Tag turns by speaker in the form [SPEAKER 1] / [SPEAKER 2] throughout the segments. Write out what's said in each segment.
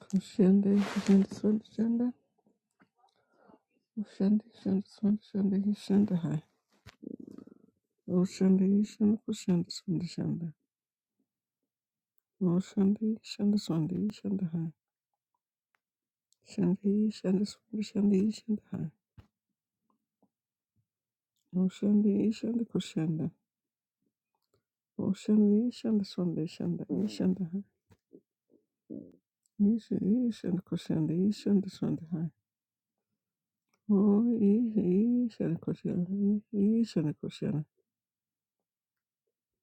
[SPEAKER 1] Ushende, ushende, ushende, ushende, ushende, ushende, ushende, ushende, ushende, hai. Ushende, ushende, ushende, ushende, ushende. Ushende, ushende, ushende, ushende, hai. Ushende, ushende, ushende, ushende, ushende, hai. Ushende, ushende, ushende. Ushende, ushende, ushende, ushende, ushende, hai. Ishe, ishende, ushende, ushende, ushende, hai. Oh, ishe, ishende, ushende, ishende, ushende.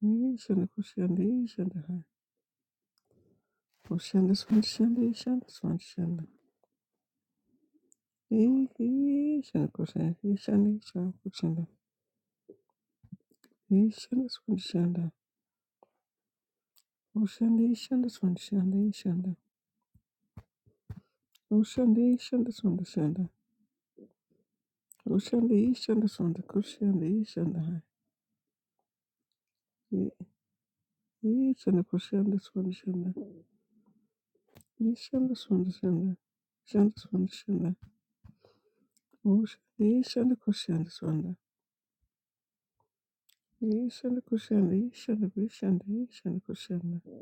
[SPEAKER 1] Ishende, ushende, ushende, hai. Koshanda swanda shanda ishanda swanda shanda. Ishanda koshanda ishanda ishanda koshanda. Ishanda swanda shanda. Koshanda ishanda swanda shanda ishanda. Koshanda ishanda swanda shanda. Koshanda ishanda swanda koshanda ishanda. Ishanda koshanda swanda shanda. Ishanda swanda shanda. Ishanda swanda shanda. Koshanda ishanda koshanda swanda. Ishanda koshanda ishanda koshanda ishanda koshanda.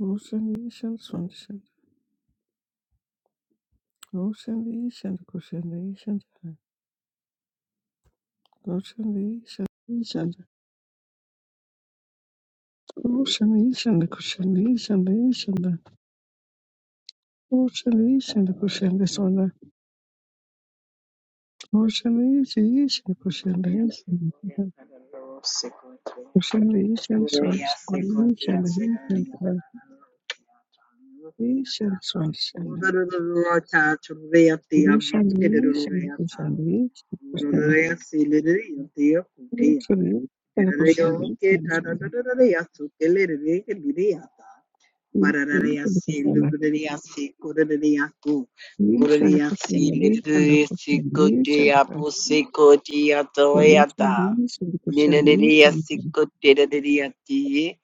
[SPEAKER 1] Ocean, Asian, Swan, Goshen Ishan Goshen Ishan Goshen Ishan Ishan Goshen Ishan Goshen Ishan Ishan Goshen Ishan Goshen Sona Goshen Ishan Ishan
[SPEAKER 2] Gloria,
[SPEAKER 1] Goshen Ishan
[SPEAKER 2] gloria, adoro, sequoia.
[SPEAKER 1] Goshen Ishan Son
[SPEAKER 2] Gloria,
[SPEAKER 1] Ishan
[SPEAKER 2] sequoia, sequoia,
[SPEAKER 1] Ishan Ishan Son Shen Ishan Ishan Goshen Ishan Goshen Ishan Goshen Ishan Son Ishan Goshen Ishan Goshen
[SPEAKER 2] Gloria, Hallelujah.
[SPEAKER 1] Ishan Goshen Ishan Kushambalisha na kushambalisha na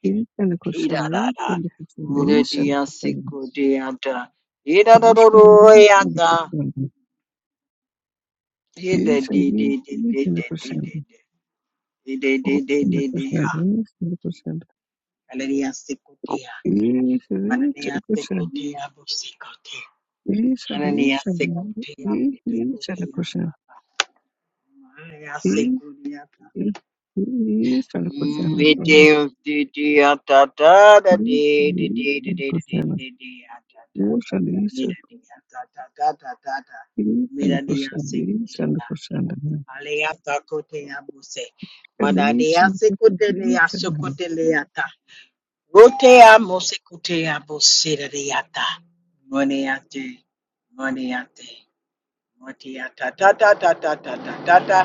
[SPEAKER 1] kushambalisha na kushambalisha na kushambalisha na kushambalisha na kushambalisha na kushambalisha na kushambalisha na kushambalisha Isso, isso,
[SPEAKER 2] Mananiya se Ananias kote Cotea Busicote. Ananias de Cotea Butecotea Papa. Ananias de Cotea. Video de dia da da da de de de de de de de de de da da. Mira dia da da da da da da. Mira dia se cotea. Alea da cotea buse. Mada dia
[SPEAKER 1] Feminismo
[SPEAKER 2] se cotea
[SPEAKER 1] feminista
[SPEAKER 2] se cotea. Rotea mosekutea bosideriata. Moniate, moniate, motiata ta ta ta ta ta ta ta ta,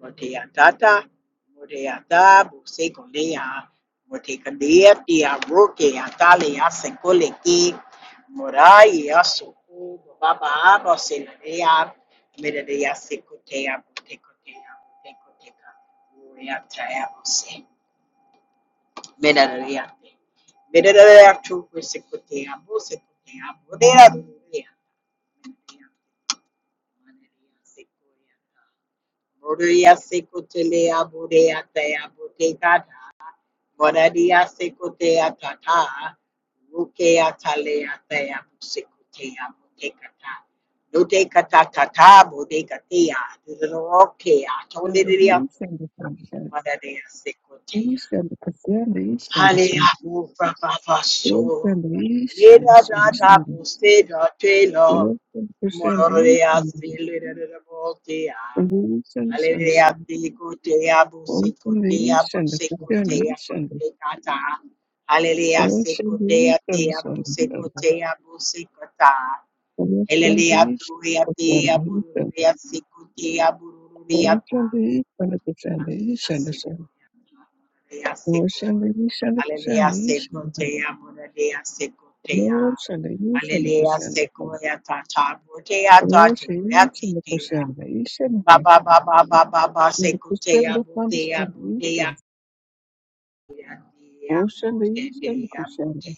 [SPEAKER 2] motiata ta, motiata bosekolea, motekalea tia rokea talia sekoleki, moraia suku, baba bosideria, mederia sekutea, botekotea, botekoteka, motiata bose. Merariante. Merariante secotea, bo secotea, bodea duria. Boria secotelea, bodea tea, botecata. Boradia secotea tata. Rukea talea tea, secotea, botecata. Notecata tata, bodecatea. Rokea,
[SPEAKER 1] feminista
[SPEAKER 2] toleria.
[SPEAKER 1] feminista feminista
[SPEAKER 2] Madaria
[SPEAKER 1] all
[SPEAKER 2] secotea.
[SPEAKER 1] feminista feminista
[SPEAKER 2] Hallelujah, Papa,
[SPEAKER 1] all
[SPEAKER 2] so. Leda da
[SPEAKER 1] feminista
[SPEAKER 2] da, buste da
[SPEAKER 1] all
[SPEAKER 2] telo.
[SPEAKER 1] feminista
[SPEAKER 2] Mororea
[SPEAKER 1] feminista
[SPEAKER 2] si leda da da botea.
[SPEAKER 1] all feminista
[SPEAKER 2] Hallelujah, ti kotea, busi
[SPEAKER 1] all
[SPEAKER 2] kotea,
[SPEAKER 1] feminista
[SPEAKER 2] busi kotea,
[SPEAKER 1] feminista
[SPEAKER 2] busi kata. Hallelujah,
[SPEAKER 1] all
[SPEAKER 2] si kotea,
[SPEAKER 1] feminista
[SPEAKER 2] tea, busi kotea, busi kata. Hallelujah, tuya,
[SPEAKER 1] feminista all
[SPEAKER 2] tea,
[SPEAKER 1] feminista
[SPEAKER 2] bururia, si kotea, bururia,
[SPEAKER 1] Lord, send
[SPEAKER 2] Hallelujah, seko ya Hallelujah, seko. Hallelujah, seko teya ya seko teya, ya.
[SPEAKER 1] the youth and the
[SPEAKER 2] Hallelujah, seko
[SPEAKER 1] Christian.
[SPEAKER 2] ya ta ta bo te ya
[SPEAKER 1] I see.
[SPEAKER 2] ta
[SPEAKER 1] What is
[SPEAKER 2] tu
[SPEAKER 1] the
[SPEAKER 2] te ya.
[SPEAKER 1] same? What is
[SPEAKER 2] Ba
[SPEAKER 1] different?
[SPEAKER 2] ba ba ba ba ba ba
[SPEAKER 1] What
[SPEAKER 2] seko
[SPEAKER 1] is
[SPEAKER 2] teya, ya
[SPEAKER 1] different
[SPEAKER 2] bo
[SPEAKER 1] from what is
[SPEAKER 2] te ya bo te ya.
[SPEAKER 1] same?
[SPEAKER 2] Ya te
[SPEAKER 1] What is different from what is same?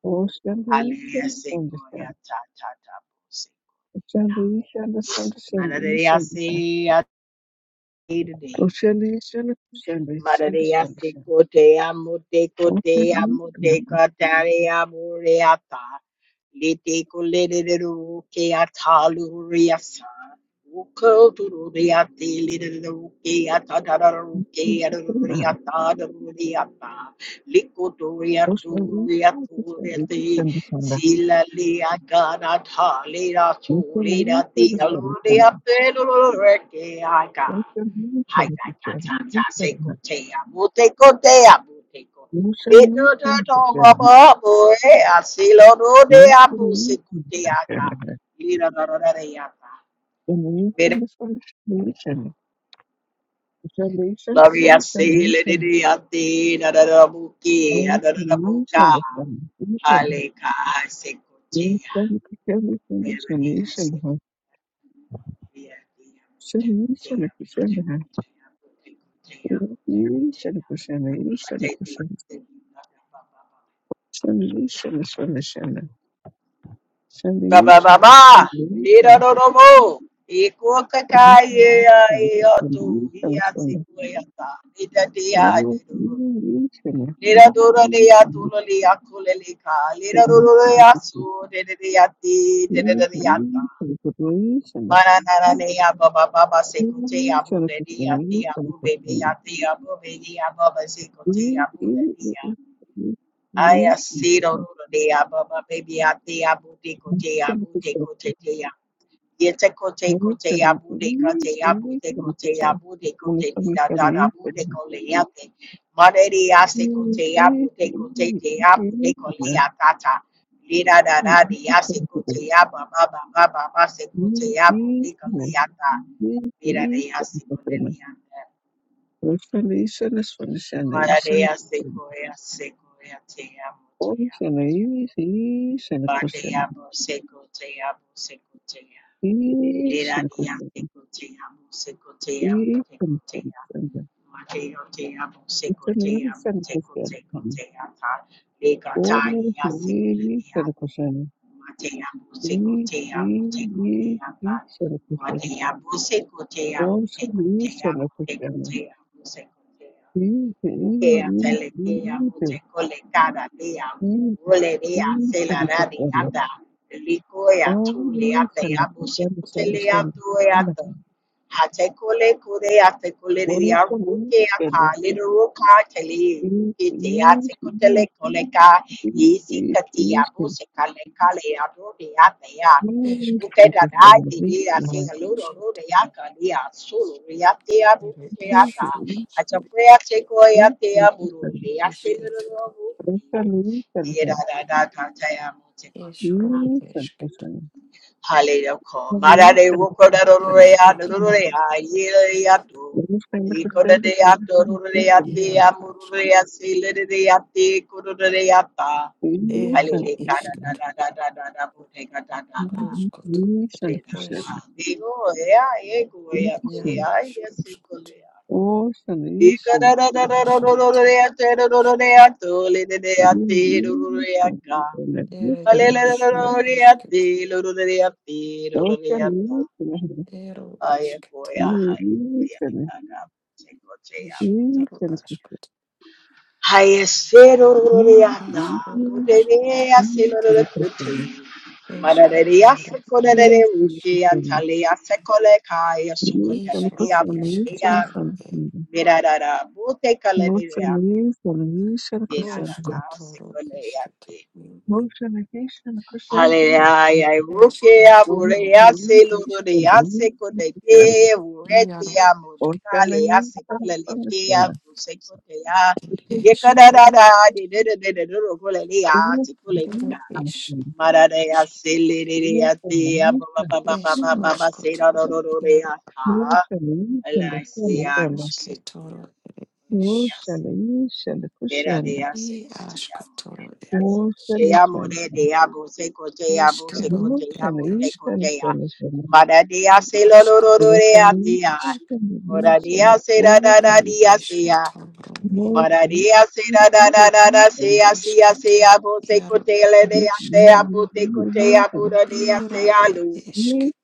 [SPEAKER 1] What is different
[SPEAKER 2] Hallelujah,
[SPEAKER 1] from what
[SPEAKER 2] seko
[SPEAKER 1] is
[SPEAKER 2] ya ta ta ta seko.
[SPEAKER 1] same? What is different from
[SPEAKER 2] Hallelujah, se ya te te.
[SPEAKER 1] what is same? What is different from what is same? What is different
[SPEAKER 2] Maria
[SPEAKER 1] from
[SPEAKER 2] se kote amute
[SPEAKER 1] what is same? What
[SPEAKER 2] kote amute katare mureata Lite kuleriru ke ataluriasa. Uko tururiate liru ke atadaru
[SPEAKER 1] is
[SPEAKER 2] ke
[SPEAKER 1] different from
[SPEAKER 2] aruriata daruriata.
[SPEAKER 1] what is same? What is different from what is same?
[SPEAKER 2] Likoturiatu
[SPEAKER 1] What is
[SPEAKER 2] riaturiate.
[SPEAKER 1] different
[SPEAKER 2] Sila lea gana ta lera tu lera di aluriate lurureke aga. Hai ta ta ta ta se ko te a mo te ko te a mo te ko. Me do do
[SPEAKER 1] from
[SPEAKER 2] do
[SPEAKER 1] what is
[SPEAKER 2] mo
[SPEAKER 1] same?
[SPEAKER 2] mo mo e a si lo do de a mo se
[SPEAKER 1] Solution,
[SPEAKER 2] ko te a ka. Ili do do do do de a ka. Me do glory a se le de de a te na da da mo ke a da da da mo ka. Hale ka a se ko te a. me re a se Ba ba ba ba. Mira no no mo. E coca caie e o tu e a si cueta. Ida dia de do. Lira duro de ya tu lo li a cule ka. Lira duro de ya su de de de ya ti de
[SPEAKER 1] Send us
[SPEAKER 2] de
[SPEAKER 1] from
[SPEAKER 2] de ta.
[SPEAKER 1] the sender,
[SPEAKER 2] Mana na na ne ya ba ba ba ba se ko te
[SPEAKER 1] you
[SPEAKER 2] ya bu
[SPEAKER 1] send it
[SPEAKER 2] de di ya
[SPEAKER 1] from
[SPEAKER 2] abu ya bu
[SPEAKER 1] the
[SPEAKER 2] be be ya di ya bu be di ya ba ba se ko te ya de di ya. Ay ya si do do do de ya ba ba be Yete kote kote yabude kate yabude kote yabude kote dida dada bude kole yate. Madere yase kote yabude kote te yabude kole yatata. Dida dada di yase kote yaba baba baba base kote yabude kole yata. Dida de yase kole yata. Madere yase koe yase koe yate yabude
[SPEAKER 1] sender,
[SPEAKER 2] yabude.
[SPEAKER 1] you send a
[SPEAKER 2] Bate
[SPEAKER 1] question.
[SPEAKER 2] yabu se kote yabu se kote yabu. Lera
[SPEAKER 1] Asian cuisine, Asian
[SPEAKER 2] dia te
[SPEAKER 1] cuisine,
[SPEAKER 2] cotea, muse cotea, mute cotea. Mateo te amo, se cotea,
[SPEAKER 1] Indonesian
[SPEAKER 2] mute
[SPEAKER 1] cuisine,
[SPEAKER 2] cote cotea ta. Lega ta
[SPEAKER 1] Polish,
[SPEAKER 2] ia se colea.
[SPEAKER 1] Indonesian cuisine, Asian cuisine, also Asian
[SPEAKER 2] Matea muse
[SPEAKER 1] cuisine,
[SPEAKER 2] cotea, mute
[SPEAKER 1] Asian, Asian,
[SPEAKER 2] cotea
[SPEAKER 1] Asian,
[SPEAKER 2] ta.
[SPEAKER 1] Asian cuisine,
[SPEAKER 2] Matea muse cotea,
[SPEAKER 1] all Asian
[SPEAKER 2] mute
[SPEAKER 1] cuisine,
[SPEAKER 2] cotea,
[SPEAKER 1] Asian,
[SPEAKER 2] mute cotea, muse cotea. Ukea telekea, mute cole Role de hace
[SPEAKER 1] Asian,
[SPEAKER 2] la radiata, licoya tuleate, abusecutelea tueata, hatecole cureate coleria
[SPEAKER 1] also
[SPEAKER 2] rukeata, literuca tele, rukeate
[SPEAKER 1] Asian,
[SPEAKER 2] cotele coleca,
[SPEAKER 1] Asian,
[SPEAKER 2] isicatia,
[SPEAKER 1] Asian,
[SPEAKER 2] busecale calea, rodeatea.
[SPEAKER 1] Yes,
[SPEAKER 3] Esketo,
[SPEAKER 2] Rukeda
[SPEAKER 1] Lucas
[SPEAKER 2] dai
[SPEAKER 1] and
[SPEAKER 2] te dea sing
[SPEAKER 1] Lisa.
[SPEAKER 2] a ludo rodeaca, dea solo, reatea,
[SPEAKER 3] ere
[SPEAKER 1] Yes,
[SPEAKER 2] buceata,
[SPEAKER 1] yes,
[SPEAKER 2] a
[SPEAKER 3] eskutas,
[SPEAKER 2] chaprea secoia tea,
[SPEAKER 1] Lucas and
[SPEAKER 2] burulea,
[SPEAKER 3] isketo,
[SPEAKER 1] Lisa, Lisa and him.
[SPEAKER 2] Yedadadakataya
[SPEAKER 3] esro,
[SPEAKER 2] motekoneya.
[SPEAKER 1] Yes, and
[SPEAKER 3] esketo,
[SPEAKER 1] listen.
[SPEAKER 2] Haleloko.
[SPEAKER 1] Yes,
[SPEAKER 2] Marare
[SPEAKER 1] and
[SPEAKER 2] rokodarorea
[SPEAKER 3] isketo,
[SPEAKER 1] listen.
[SPEAKER 2] dororea
[SPEAKER 3] esketo,
[SPEAKER 2] yeleato.
[SPEAKER 1] Yes, and Lucas and
[SPEAKER 2] Ikodadeya
[SPEAKER 1] Lisa, Lisa
[SPEAKER 2] dororea
[SPEAKER 1] and him.
[SPEAKER 3] iaro
[SPEAKER 2] dea mururea
[SPEAKER 3] askot,
[SPEAKER 2] silerea te kodorea ta.
[SPEAKER 1] Yes,
[SPEAKER 3] ero
[SPEAKER 1] and
[SPEAKER 2] Haleleka da
[SPEAKER 1] listen.
[SPEAKER 3] isketo,
[SPEAKER 2] da da da da da boteka da da da.
[SPEAKER 3] ruskoto,
[SPEAKER 1] Yes, and
[SPEAKER 3] ere
[SPEAKER 2] Bedada.
[SPEAKER 3] es,
[SPEAKER 1] listen.
[SPEAKER 2] Digo, ea, ego, ea,
[SPEAKER 3] ia
[SPEAKER 2] te,
[SPEAKER 1] Listen.
[SPEAKER 2] ay,
[SPEAKER 3] es,
[SPEAKER 2] ese
[SPEAKER 3] ruskot,
[SPEAKER 2] colea.
[SPEAKER 1] Oh, son, listen.
[SPEAKER 3] esketo,
[SPEAKER 2] Ikadadadadadadororea te
[SPEAKER 3] isketo,
[SPEAKER 2] dororea tole
[SPEAKER 1] Listen,
[SPEAKER 2] dedea te
[SPEAKER 1] listen,
[SPEAKER 2] dororea
[SPEAKER 1] listen,
[SPEAKER 3] ere
[SPEAKER 1] listen.
[SPEAKER 3] esro, isketo,
[SPEAKER 2] Aleleleleloriati,
[SPEAKER 1] Oh, son, listen.
[SPEAKER 3] ero isketo, is, iaro
[SPEAKER 1] Listen, listen.
[SPEAKER 3] askot,
[SPEAKER 1] Kushanda,
[SPEAKER 3] isro askot, esketo, iaro
[SPEAKER 1] kushanda,
[SPEAKER 3] Ishro ishketoro e roshkotoro ishketo
[SPEAKER 1] kushanda, kushanda, kushanda,
[SPEAKER 2] Hallelujah. Rukea
[SPEAKER 3] eshketoro
[SPEAKER 2] burea se
[SPEAKER 3] e ish
[SPEAKER 2] loro de yase kodeke urete
[SPEAKER 3] iaro
[SPEAKER 2] ya modekale yase kola leke ya kuseko te ya yekada da da de de de de de de ro kola le ya ti kola
[SPEAKER 3] ishketor esh
[SPEAKER 2] le ka
[SPEAKER 3] ere esh
[SPEAKER 1] kushanda,
[SPEAKER 2] mara de ya se le de de ya te ya ba ba ba ba ba
[SPEAKER 3] esh
[SPEAKER 2] ba ba ba se ra ro
[SPEAKER 3] roshkotoro
[SPEAKER 2] ro ro de ya
[SPEAKER 3] iaro
[SPEAKER 2] ka ala se ya ro se ko
[SPEAKER 3] ishketoro
[SPEAKER 2] ya
[SPEAKER 3] esh
[SPEAKER 2] se Mira de
[SPEAKER 3] i
[SPEAKER 2] hace cotea more
[SPEAKER 3] ashkotoro
[SPEAKER 2] de
[SPEAKER 3] e
[SPEAKER 1] One
[SPEAKER 3] ishk
[SPEAKER 1] sentence,
[SPEAKER 2] cotea
[SPEAKER 1] sentence,
[SPEAKER 2] more de abo se cotea abo se
[SPEAKER 3] eshkero
[SPEAKER 1] one
[SPEAKER 2] cotea
[SPEAKER 3] e
[SPEAKER 2] more
[SPEAKER 1] sentence,
[SPEAKER 3] eshk
[SPEAKER 1] sentence,
[SPEAKER 2] cotea
[SPEAKER 1] sentence, sentence,
[SPEAKER 2] mara se
[SPEAKER 3] i
[SPEAKER 2] hace lo lo lo lo
[SPEAKER 1] one
[SPEAKER 3] ashkotoro
[SPEAKER 2] de
[SPEAKER 1] sentence,
[SPEAKER 2] atea
[SPEAKER 1] one
[SPEAKER 3] ishk
[SPEAKER 2] mora de
[SPEAKER 1] sentence,
[SPEAKER 2] da
[SPEAKER 1] one sentence,
[SPEAKER 2] da
[SPEAKER 1] one
[SPEAKER 2] da
[SPEAKER 3] i
[SPEAKER 1] sentence,
[SPEAKER 2] de hacea
[SPEAKER 3] eshketoro
[SPEAKER 1] one
[SPEAKER 3] iaro
[SPEAKER 2] mara
[SPEAKER 1] sentence,
[SPEAKER 2] de da da da da da
[SPEAKER 1] one
[SPEAKER 2] se así hace
[SPEAKER 3] eshketo
[SPEAKER 2] abo se
[SPEAKER 3] iaro e
[SPEAKER 2] cotea le de
[SPEAKER 3] ishk
[SPEAKER 2] atea abo se cotea abo de
[SPEAKER 3] Iro
[SPEAKER 2] hacea
[SPEAKER 3] e
[SPEAKER 2] lo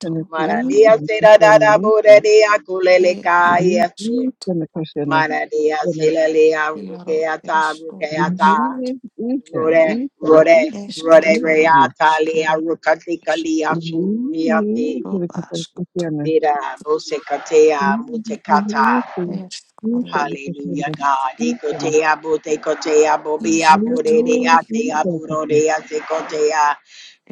[SPEAKER 1] sentence,
[SPEAKER 2] mara de
[SPEAKER 3] iaro
[SPEAKER 2] da da da more de acule le
[SPEAKER 3] e ro
[SPEAKER 2] cae
[SPEAKER 1] one
[SPEAKER 2] hace
[SPEAKER 3] askoto,
[SPEAKER 1] sentence, question,
[SPEAKER 2] mara de hace
[SPEAKER 1] listen,
[SPEAKER 2] le
[SPEAKER 3] iaro
[SPEAKER 2] ata
[SPEAKER 3] es
[SPEAKER 2] abo
[SPEAKER 1] listen, question, listen, listen,
[SPEAKER 3] ro
[SPEAKER 2] que
[SPEAKER 3] es,
[SPEAKER 2] ata
[SPEAKER 1] listen,
[SPEAKER 2] Rode, Rode, Rode,
[SPEAKER 3] esketoro
[SPEAKER 2] Reata, Lea,
[SPEAKER 3] iskero et
[SPEAKER 2] Rukatika,
[SPEAKER 3] es
[SPEAKER 2] Lea, Suriate,
[SPEAKER 3] ro askoto,
[SPEAKER 2] Vida,
[SPEAKER 3] eskoro
[SPEAKER 2] Bosekatea, Mutekata.
[SPEAKER 1] listen, listen, listen,
[SPEAKER 2] Hallelujah,
[SPEAKER 1] listen,
[SPEAKER 2] God.
[SPEAKER 1] listen,
[SPEAKER 2] Ikotea, Botekotea, Bobia,
[SPEAKER 3] isketoro
[SPEAKER 1] iy'i
[SPEAKER 2] Bodea, Tea,
[SPEAKER 1] seni
[SPEAKER 3] iaro
[SPEAKER 1] kutluyorum.
[SPEAKER 2] Burodea, Sekotea.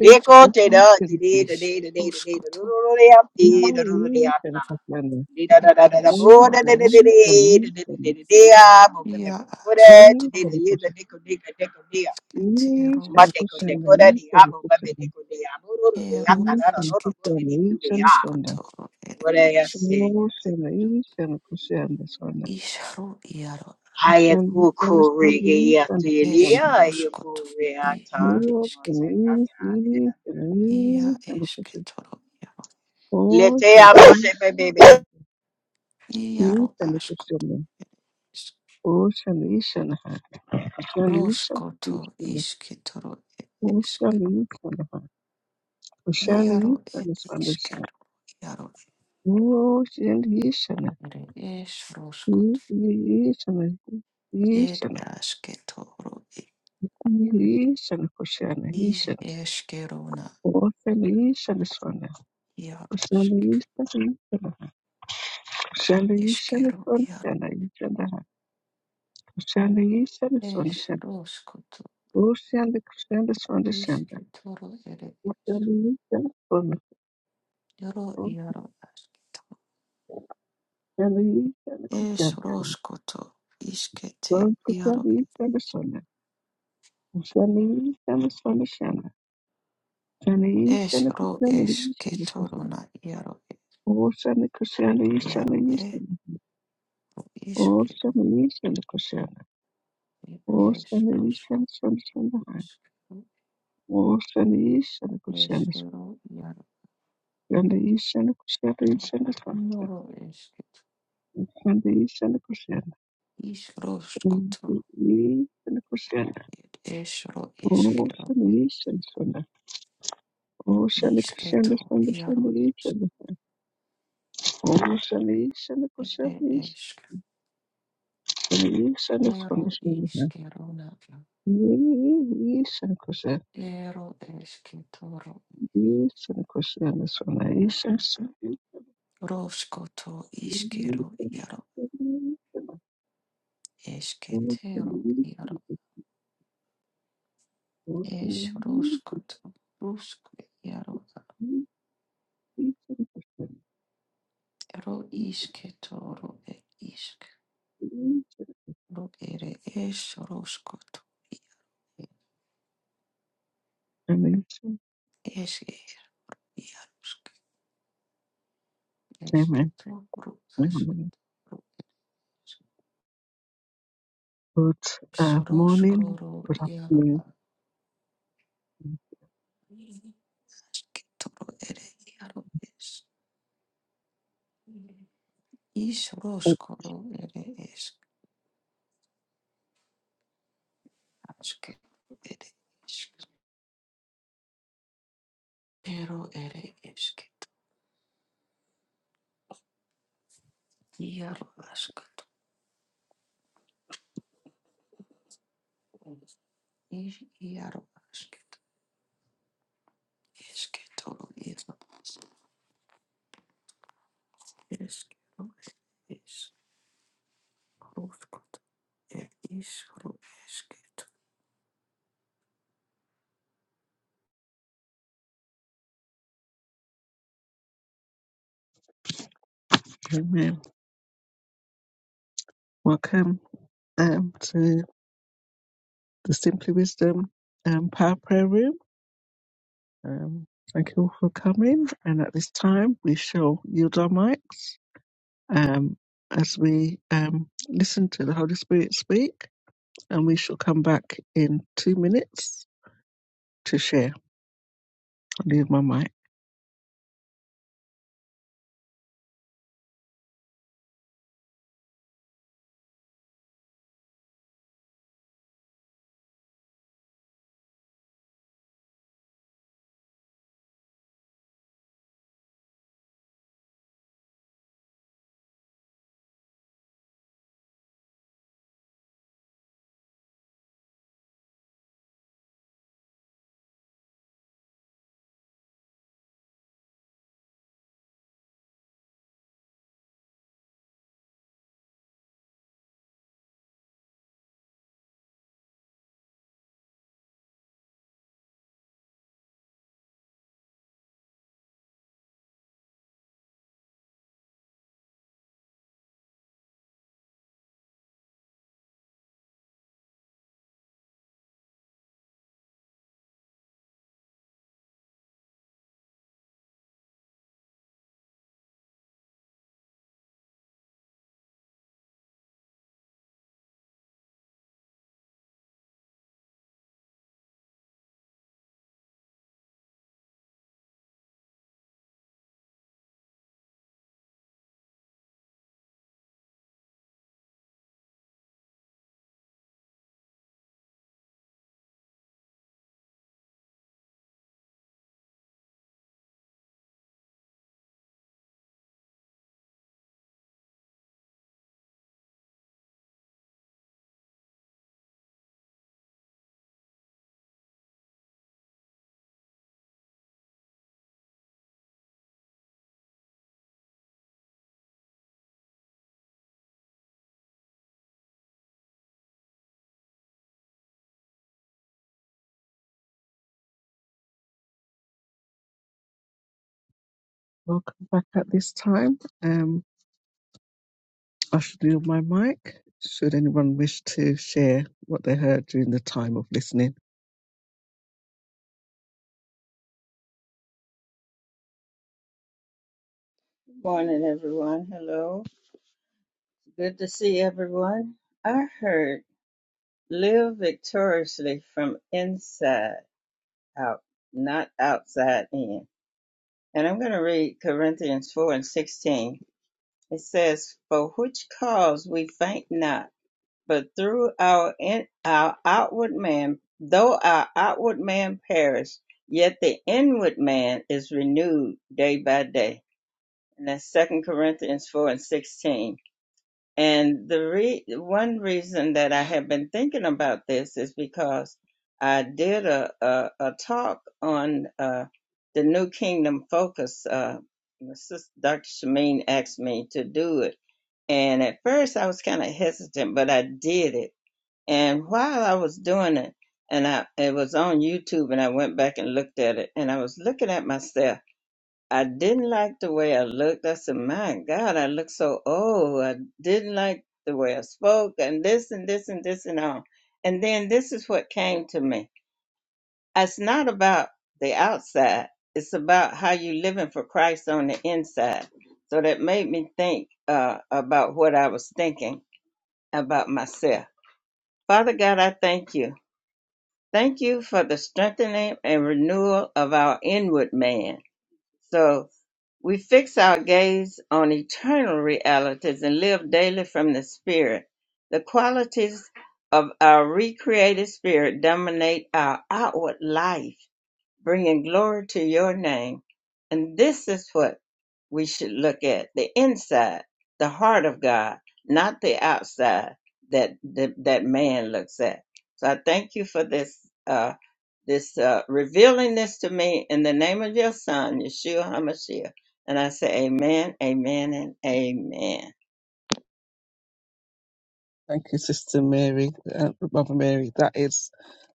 [SPEAKER 1] Üç, üç,
[SPEAKER 2] Lekote,
[SPEAKER 1] üç
[SPEAKER 2] da,
[SPEAKER 1] seni
[SPEAKER 2] today,
[SPEAKER 1] kutluyorum.
[SPEAKER 3] is
[SPEAKER 2] today, today, today, the
[SPEAKER 3] ruskoto,
[SPEAKER 2] Rurodea,
[SPEAKER 3] iaro
[SPEAKER 1] İyi, iyi
[SPEAKER 2] the
[SPEAKER 1] seni kutluyorum.
[SPEAKER 3] e es
[SPEAKER 1] İyi
[SPEAKER 3] ro
[SPEAKER 1] seni, iyi
[SPEAKER 3] esketo,
[SPEAKER 1] seni, iyi seni.
[SPEAKER 3] ia
[SPEAKER 1] İyi
[SPEAKER 3] askoto,
[SPEAKER 1] seni kutluyorum.
[SPEAKER 2] Rurodeata.
[SPEAKER 1] İyi
[SPEAKER 3] isketero
[SPEAKER 1] seni
[SPEAKER 2] Mate ko de
[SPEAKER 3] skoto,
[SPEAKER 2] ko
[SPEAKER 1] kutluyorum,
[SPEAKER 2] de
[SPEAKER 1] iyi
[SPEAKER 2] di
[SPEAKER 1] seni
[SPEAKER 2] amo babe de
[SPEAKER 1] kutluyorum.
[SPEAKER 2] ko de amo ro ro de
[SPEAKER 3] ero
[SPEAKER 2] ata
[SPEAKER 1] İyi
[SPEAKER 2] na ro
[SPEAKER 1] seni
[SPEAKER 2] ro ro
[SPEAKER 3] isketo
[SPEAKER 2] de
[SPEAKER 1] kutluyorum,
[SPEAKER 2] di ko
[SPEAKER 1] iyi
[SPEAKER 2] de
[SPEAKER 1] seni
[SPEAKER 2] ya.
[SPEAKER 1] sonra.
[SPEAKER 3] skotoro ere
[SPEAKER 2] Wore ya
[SPEAKER 3] esk.
[SPEAKER 2] se
[SPEAKER 1] Oo
[SPEAKER 2] ya se ko
[SPEAKER 1] seni,
[SPEAKER 2] de.
[SPEAKER 1] iyi seni kutluyorum sonra.
[SPEAKER 3] Ishru iaro
[SPEAKER 2] Haya ku
[SPEAKER 1] Seni,
[SPEAKER 2] ku
[SPEAKER 1] seni,
[SPEAKER 2] re
[SPEAKER 1] seni,
[SPEAKER 2] ge
[SPEAKER 1] iyi
[SPEAKER 2] ya tu
[SPEAKER 1] seni
[SPEAKER 2] ye li
[SPEAKER 1] kutluyorum.
[SPEAKER 3] Es
[SPEAKER 2] ya ya ku
[SPEAKER 3] ruskoto,
[SPEAKER 2] re ata
[SPEAKER 3] ia
[SPEAKER 1] İyi
[SPEAKER 2] mo
[SPEAKER 3] eske,
[SPEAKER 2] se
[SPEAKER 1] seni, iyi,
[SPEAKER 2] ka
[SPEAKER 1] iyi
[SPEAKER 2] ta le.
[SPEAKER 1] seni,
[SPEAKER 3] ia
[SPEAKER 1] iyi seni
[SPEAKER 3] eske
[SPEAKER 1] kutluyorum.
[SPEAKER 3] toro,
[SPEAKER 1] Oo
[SPEAKER 2] Lete
[SPEAKER 1] seni,
[SPEAKER 2] amo
[SPEAKER 1] iyi
[SPEAKER 2] se
[SPEAKER 1] seni
[SPEAKER 2] baby.
[SPEAKER 1] kutluyorum. İyi
[SPEAKER 3] iaro
[SPEAKER 1] seni
[SPEAKER 3] askoto,
[SPEAKER 1] kutluyorum. Ushanishanaha, Ushanishanaha,
[SPEAKER 3] ruskoto iske toro, eske,
[SPEAKER 1] Ushanishanaha, Ushanishanaha,
[SPEAKER 3] iaro ed eske,
[SPEAKER 1] Ushanishanaha,
[SPEAKER 3] iaro ere es ruskoto,
[SPEAKER 1] Yishanaha,
[SPEAKER 3] ed
[SPEAKER 1] Yishanaha,
[SPEAKER 3] aske toro,
[SPEAKER 1] Yishanaha, Kushana,
[SPEAKER 3] is
[SPEAKER 1] Yishana,
[SPEAKER 3] eskerona,
[SPEAKER 1] Ushanishanaha,
[SPEAKER 3] iaro
[SPEAKER 1] Ushanishanaha,
[SPEAKER 3] eske,
[SPEAKER 1] Ushanishanaha, Yishanaha,
[SPEAKER 3] eskero, iaro,
[SPEAKER 1] Ushanishanaha,
[SPEAKER 3] es ruskoto, ru
[SPEAKER 1] Ushanda, Kushanda, Swanda, Shanda,
[SPEAKER 3] iske toro, ere es,
[SPEAKER 1] Ushanishanaha,
[SPEAKER 3] iaro, iaro
[SPEAKER 1] Ushanda,
[SPEAKER 3] Esh
[SPEAKER 1] Kushanda,
[SPEAKER 3] roskoto ishkete yaro
[SPEAKER 1] Kushani shana shana. Kushani shana shana shana. Shani
[SPEAKER 3] esh
[SPEAKER 1] shana
[SPEAKER 3] ro
[SPEAKER 1] kushani
[SPEAKER 3] esh
[SPEAKER 1] shana kushana.
[SPEAKER 3] ketoruna yaro
[SPEAKER 1] Oh shana kushani
[SPEAKER 3] yaro
[SPEAKER 1] shana
[SPEAKER 3] e
[SPEAKER 1] shana. Oh
[SPEAKER 3] ishkiru
[SPEAKER 1] shani shana kushana. Oh
[SPEAKER 3] esh
[SPEAKER 1] shani shana
[SPEAKER 3] roshkoto
[SPEAKER 1] shana shana.
[SPEAKER 3] ishkiru
[SPEAKER 1] Oh shani shana kushana.
[SPEAKER 3] ro yaro
[SPEAKER 1] Shani shana kushani shana shana.
[SPEAKER 3] noro ishket
[SPEAKER 1] Shani shana kushana.
[SPEAKER 3] Is roskoto
[SPEAKER 1] Shani kushana.
[SPEAKER 3] esh ro
[SPEAKER 1] Oh
[SPEAKER 3] ishkero
[SPEAKER 1] shani shana shana. Oh shani kushana
[SPEAKER 3] ishketo
[SPEAKER 1] shana
[SPEAKER 3] iaro
[SPEAKER 1] shana shana. Om Shani Shani
[SPEAKER 3] ere
[SPEAKER 1] Kushani
[SPEAKER 3] eshk
[SPEAKER 1] Shani Shani
[SPEAKER 3] ero
[SPEAKER 1] Swami Shani
[SPEAKER 3] ishkeruna
[SPEAKER 1] Yi Shani Kushani
[SPEAKER 3] ero esketoro.
[SPEAKER 1] Yi Shani Kushani Swami Yi Shani Shani
[SPEAKER 3] Roskoto
[SPEAKER 1] Yi
[SPEAKER 3] roshkoto
[SPEAKER 1] Shani
[SPEAKER 3] iaro.
[SPEAKER 1] Kushani Om Shani
[SPEAKER 3] Esketero
[SPEAKER 1] Yi Shani
[SPEAKER 3] iaro
[SPEAKER 1] Om Shani
[SPEAKER 3] es
[SPEAKER 1] Yi
[SPEAKER 3] ruskoto rusko iaro
[SPEAKER 1] Yi Shani Kushani
[SPEAKER 3] ro isketoro e isk
[SPEAKER 1] Yi Shani
[SPEAKER 3] ro ere es ruskoto
[SPEAKER 1] Shani Yi Shani
[SPEAKER 3] es iarusk
[SPEAKER 1] Amen
[SPEAKER 3] esketo ro ask
[SPEAKER 1] Amen
[SPEAKER 3] ro isk
[SPEAKER 1] Good
[SPEAKER 3] es
[SPEAKER 1] uh, morning
[SPEAKER 3] ruskoro
[SPEAKER 1] Good
[SPEAKER 3] iaro
[SPEAKER 1] afternoon
[SPEAKER 3] asketoro ere iaro es is
[SPEAKER 1] Oh,
[SPEAKER 3] ruskoro ere es asketoro ere isk ero ere es Iaro askatu, is iaro askatu, esketoro iaro eskero is roskot er is ro esketo.
[SPEAKER 1] Amen Welcome um, to the Simply Wisdom um, Power Prayer Room Um, thank you all for coming. And at this time, we shall yield our mics um, as we um, listen to the Holy Spirit speak. And we shall come back in two minutes to share. I'll leave my mic. Welcome back at this time. Um, I should yield my mic should anyone wish to share what they heard during the time of listening.
[SPEAKER 4] Morning, everyone. Hello. Good to see everyone. I heard live victoriously from inside out, not outside in. And I'm going to read Corinthians 4 and 16. It says, For which cause we faint not, but through our, in, our outward man, though our outward man perish, yet the inward man is renewed day by day. And that's 2 Corinthians 4 and 16 And the re- one reason that I have been thinking about this is because I did a, a, a talk on uh, the New Kingdom Focus. Uh, sis- Dr. Shameen asked me to do it. And at first I was kind of hesitant, but I did it. And while I was doing it, and I, it was on YouTube, and I went back and looked at it, and I was looking at myself I didn't like the way I looked. I said, My God, I look so old. I didn't like the way I spoke and this and this and this and all. And then this is what came to me. It's not about the outside, it's about how you living for Christ on the inside. So that made me think uh, about what I was thinking about myself. Father God, I thank you. Thank you for the strengthening and renewal of our inward man. So We fix our gaze on eternal realities and live daily from the Spirit. The qualities of our recreated spirit dominate our outward life bringing glory to your name. And this is what we should look at the inside, the heart of God, not the outside that that, that man looks at. So I thank you for this. Uh, this uh, revealing this to me in the name of your son, Yeshua HaMashiach. And I say, Amen, Amen, and Amen.
[SPEAKER 1] Thank you, Sister Mary, uh, Mother Mary. That is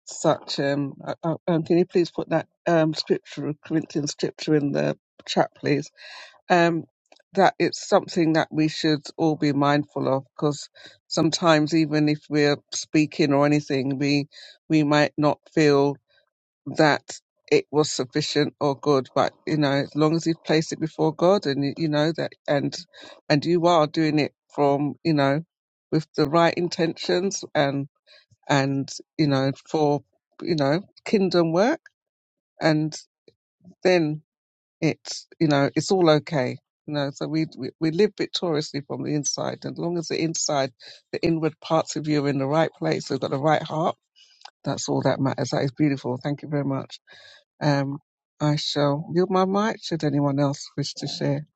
[SPEAKER 1] such um, uh, uh, um can you please put that um scripture corinthian scripture in the chat please um that it's something that we should all be mindful of because sometimes even if we're speaking or anything we we might not feel that it was sufficient or good but you know as long as you've placed it before god and you, you know that and and you are doing it from you know with the right intentions and and you know for you know kingdom work and then it's you know it's all okay you know so we, we we live victoriously from the inside and as long as the inside the inward parts of you are in the right place we've got the right heart that's all that matters that is beautiful thank you very much um i shall yield my mic should anyone else wish to share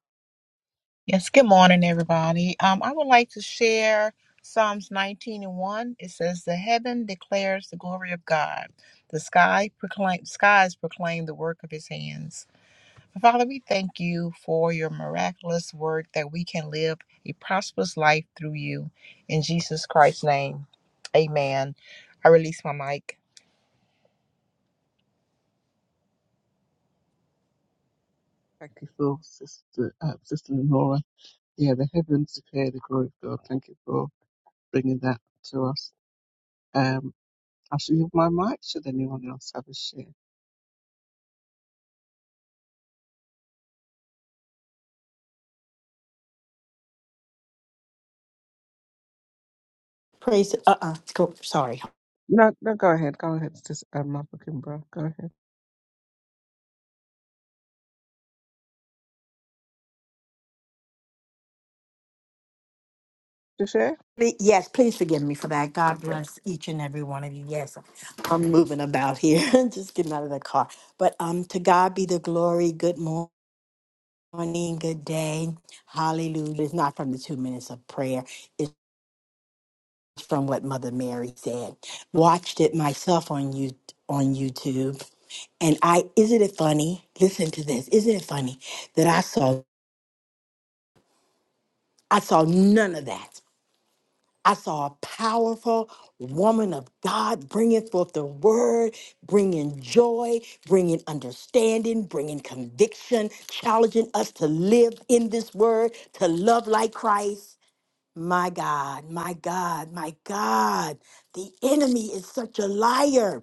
[SPEAKER 5] Yes, good morning, everybody. Um, I would like to share Psalms 19 and 1. It says, The heaven declares the glory of God, the sky proclaim, skies proclaim the work of his hands. Father, we thank you for your miraculous work that we can live a prosperous life through you. In Jesus Christ's name, amen. I release my mic.
[SPEAKER 1] thank you for sister uh, sister Nora. yeah the heavens declare the glory of god thank you for bringing that to us Um, I'll mute my mic. Should anyone else have a share?
[SPEAKER 2] Praise. Uh uh Go. Sorry.
[SPEAKER 1] No, no, go ahead. Go ahead, Sister um, Mother Kimbra. Go ahead. To share?
[SPEAKER 2] Ple- Yes, please forgive me for that. God
[SPEAKER 1] Okay.
[SPEAKER 2] bless each and every one of you. Yes, I'm moving about here, just getting out of the car. But um, to God be the glory. Good morning, good day. Hallelujah. It's not from the two minutes of prayer. It's from what Mother Mary said. Watched it myself on you on YouTube. And I isn't it funny? Listen to this. Isn't it funny that I saw I saw none of that. I saw a powerful woman of God bringing forth the word, bringing joy, bringing understanding, bringing conviction, challenging us to live in this word, to love like Christ. My God, my God, my God. The enemy is such a liar.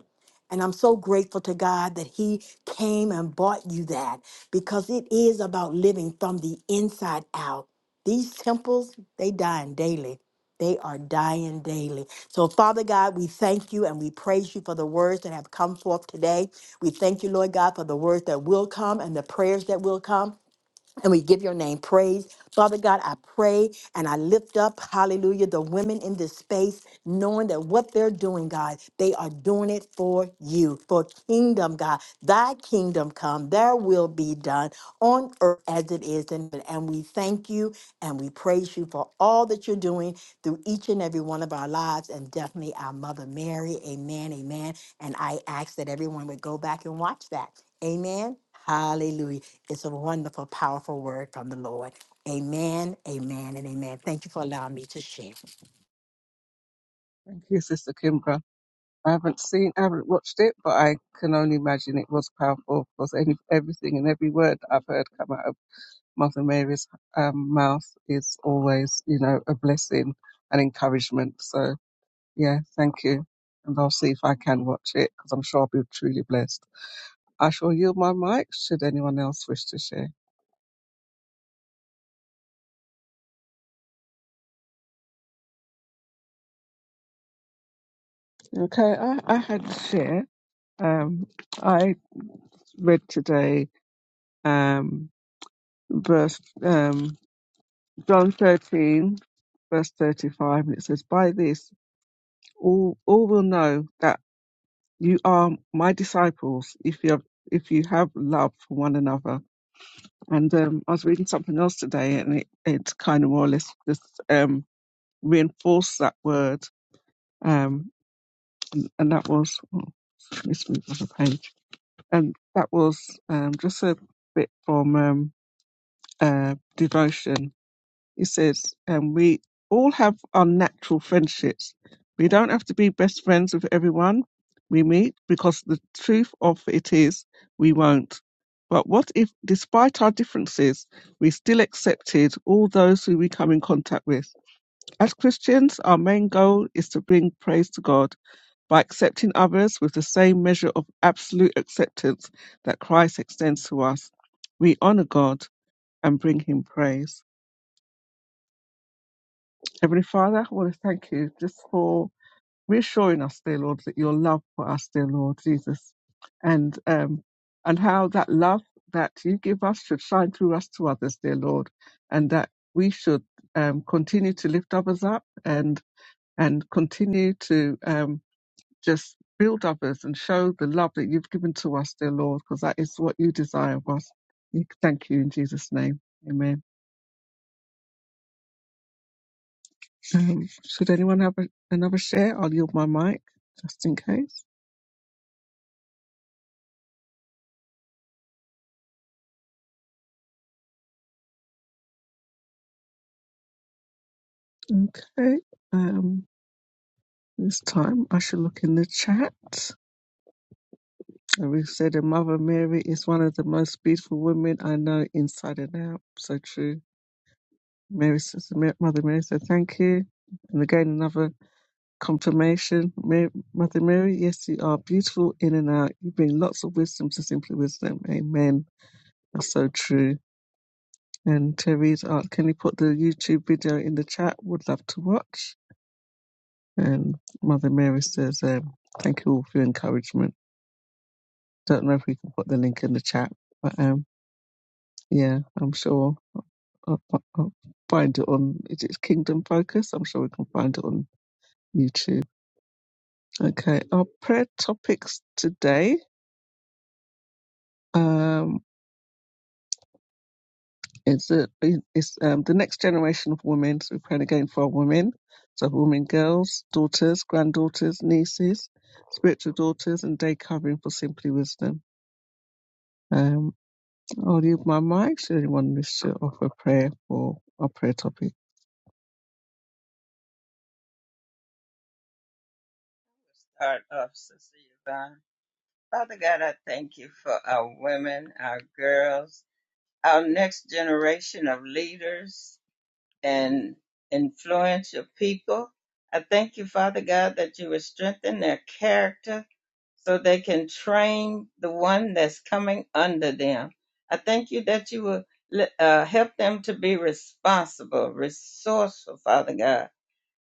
[SPEAKER 2] And I'm so grateful to God that He came and bought you that because it is about living from the inside out. These temples, they dying daily. They are dying daily. So, Father God, we thank you and we praise you for the words that have come forth today. We thank you, Lord God, for the words that will come and the prayers that will come and we give your name praise. Father God, I pray and I lift up, hallelujah, the women in this space, knowing that what they're doing, God, they are doing it for you, for kingdom, God. Thy kingdom come, Thy will be done on earth as it is in heaven. And we thank you and we praise you for all that you're doing through each and every one of our lives and definitely our Mother Mary. Amen, amen. And I ask that everyone would go back and watch that. Amen. Hallelujah. It's a wonderful, powerful word from the Lord. Amen, amen, and amen. Thank you for allowing me to share.
[SPEAKER 1] Thank you, Sister Kimbra. I haven't seen, I haven't watched it, but I can only imagine it was powerful because any, everything and every word that I've heard come out of Mother Mary's um, mouth is always, you know, a blessing and encouragement. So, yeah, thank you. And I'll see if I can watch it because I'm sure I'll be truly blessed. I shall yield my mic should anyone else wish to share. Okay, I, I had to share. Um, I read today um, verse um, John thirteen, verse thirty five, and it says, "By this all all will know that you are my disciples if you have if you have love for one another." And um, I was reading something else today, and it it kind of more or less just um, reinforced that word, um, and, and that was. Oh, and that was um, just a bit from um, uh, devotion. He says, um, "We all have our natural friendships. We don't have to be best friends with everyone we meet because the truth of it is we won't. But what if, despite our differences, we still accepted all those who we come in contact with? As Christians, our main goal is to bring praise to God." By accepting others with the same measure of absolute acceptance that Christ extends to us, we honor God and bring Him praise. Heavenly Father, I want to thank you just for reassuring us, dear Lord, that your love for us, dear Lord Jesus, and um, and how that love that you give us should shine through us to others, dear Lord, and that we should um, continue to lift others up and and continue to um, Just build others and show the love that you've given to us, dear Lord, because that is what you desire of us. We Thank you in Jesus' name. Amen. Um, should anyone have a, another share? I'll yield my mic just in case. Okay. Um, this time I shall look in the chat. Ruth said, "And Mother Mary is one of the most beautiful women I know inside and out. So true. Mary, says- Mother Mary said, thank you. And again, another Confirmation, Mary, Mother Mary, yes, you are beautiful in and out. You bring lots of wisdom to Simply Wisdom. Amen. That's so true. And Terry's art, can you put the YouTube video in the chat? Would love to watch. And Mother Mary says, um, thank you all for your encouragement. Don't know if we can put the link in the chat, but um, yeah, I'm sure I'll, fi- I'll find it on, is it Kingdom Focus? I'm sure we can find it on YouTube. Okay, our prayer topics today. Um. It's a, it's um, the next generation of women. So we're praying again for our women, so women, girls, daughters, granddaughters, nieces, spiritual daughters, and day covering for simply wisdom. Um, I'll leave my mic. Should anyone wish to offer prayer for our prayer topic?
[SPEAKER 4] Start off, Sister Yvonne. Father God, I thank you for our women, our girls, our next generation of leaders. and influence your people. I thank you, Father God, that you would strengthen their character so they can train the one that's coming under them. I thank you that you will uh, help them to be responsible, resourceful, Father God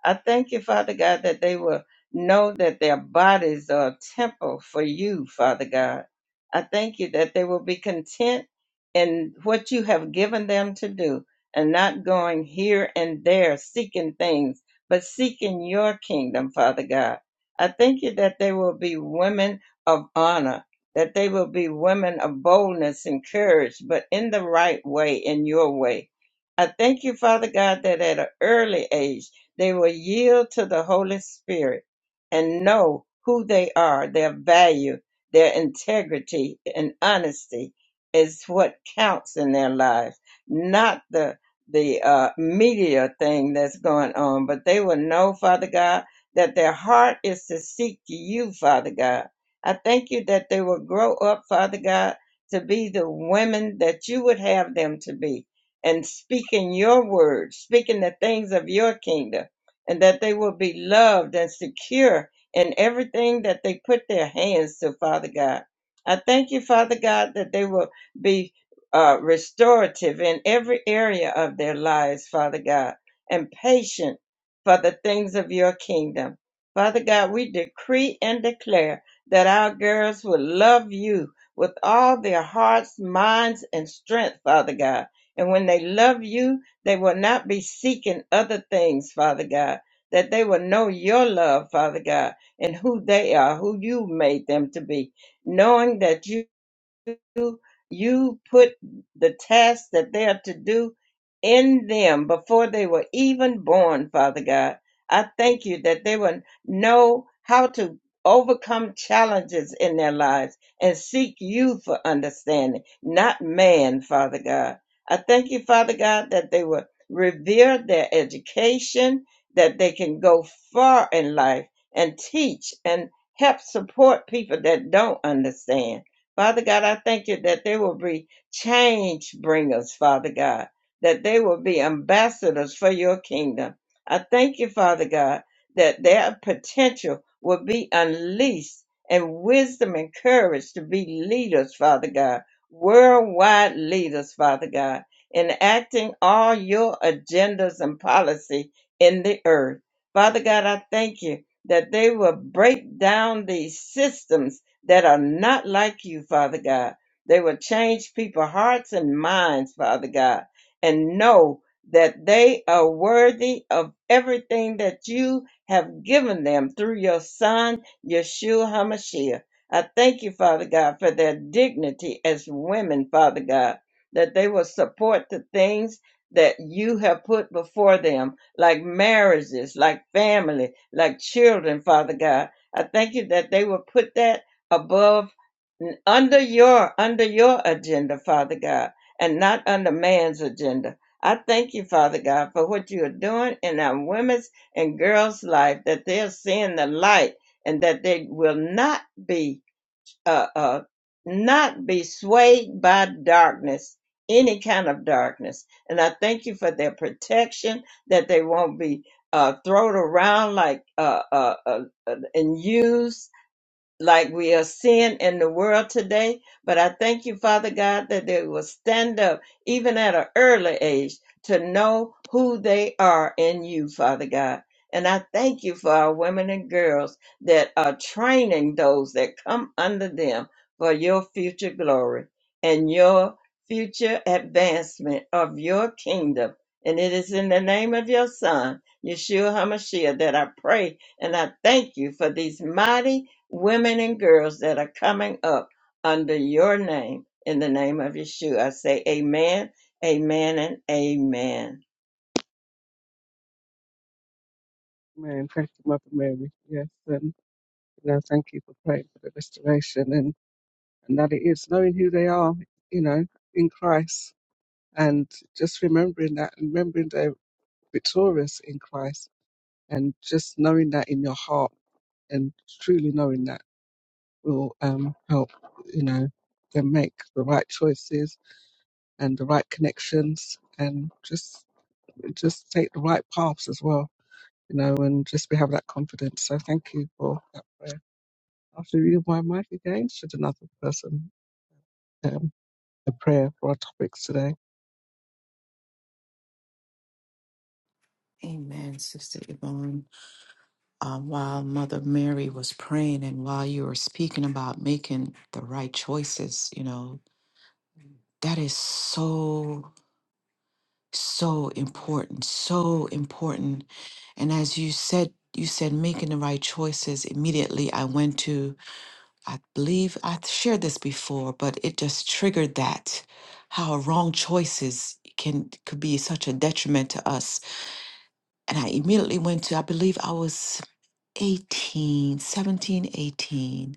[SPEAKER 4] I thank you, Father God, that they will know that their bodies are a temple for you, Father God. I thank you that they will be content in what you have given them to do and not going here and there seeking things, but seeking your kingdom, Father God. I thank you that they will be women of honor, that they will be women of boldness and courage, but in the right way, in your way. I thank you, Father God, that at an early age, they will yield to the Holy Spirit and know who they are, their value, their integrity, and honesty is what counts in their lives, not the the uh, media thing that's going on. But they will know, Father God, that their heart is to seek you, Father God. I thank you that they will grow up, Father God, to be the women that you would have them to be and speaking your word, speaking the things of your kingdom and that they will be loved and secure in everything that they put their hands to, Father God. I thank you, Father God, that they will be uh, restorative in every area of their lives, Father God, and patient for the things of your kingdom. Father God, we decree and declare that our girls will love you with all their hearts, minds, and strength, Father God. And when they love you, they will not be seeking other things, Father God that they will know your love, Father God, and who they are, who you made them to be, knowing that you you you put the tasks that they are to do in them before they were even born, Father God. I thank you that they will know how to overcome challenges in their lives and seek you for understanding, not man, Father God. I thank you, Father God, that they will revere their education, that they can go far in life and teach and help support people that don't understand. Father God, I thank you that they will be change bringers, Father God, that they will be ambassadors for your kingdom. I thank you, Father God, that their potential will be unleashed and wisdom and courage to be leaders, Father God, worldwide leaders, Father God, enacting all your agendas and policy in the earth. Father God, I thank you that they will break down these systems that are not like you, Father God. They will change people's hearts and minds, Father God, and know that they are worthy of everything that you have given them through your Son, Yeshua HaMashiach. I thank you, Father God, for their dignity as women, Father God, that they will support the things that you have put before them, like marriages, like family, like children, Father God. I thank you that they will put that above under your under your agenda father god and not under man's agenda i thank you father god for what you are doing in our women's and girls life that they're seeing the light and that they will not be uh uh not be swayed by darkness any kind of darkness and i thank you for their protection that they won't be uh thrown around like uh uh, uh uh, and used like we are seeing in the world today. But I thank you, Father God, that they will stand up even at an early age to know who they are in you, Father God. And I thank you for our women and girls that are training those that come under them for your future glory and your future advancement of your kingdom. And it is in the name of your son, Yeshua HaMashiach, that I pray and I thank you for these mighty women and girls that are coming up under your name in the name of Yeshua. I say amen, amen, and amen.
[SPEAKER 1] Amen. Thank you, Mother Mary. Yes, um, you know, thank you for praying for the restoration and and that it is knowing who they are, you know, in Christ, and just remembering that, remembering they're victorious in Christ And just knowing that in your heart and truly knowing that will um, help, you know, them make the right choices and the right connections and just just take the right paths as well, you know, and just be have that confidence. So thank you for that prayer. After you my mic again, should another person um, a prayer for our topics today.
[SPEAKER 3] Amen, Sister Yvonne. Um, while Mother Mary was praying and while you were speaking about making the right choices, you know, that is so, so important, so important. And as you said, you said making the right choices. Immediately, I went to I believe I shared this before, but it just triggered that how wrong choices can could be such a detriment to us. And I immediately went to, I believe I was 18, 17, 18,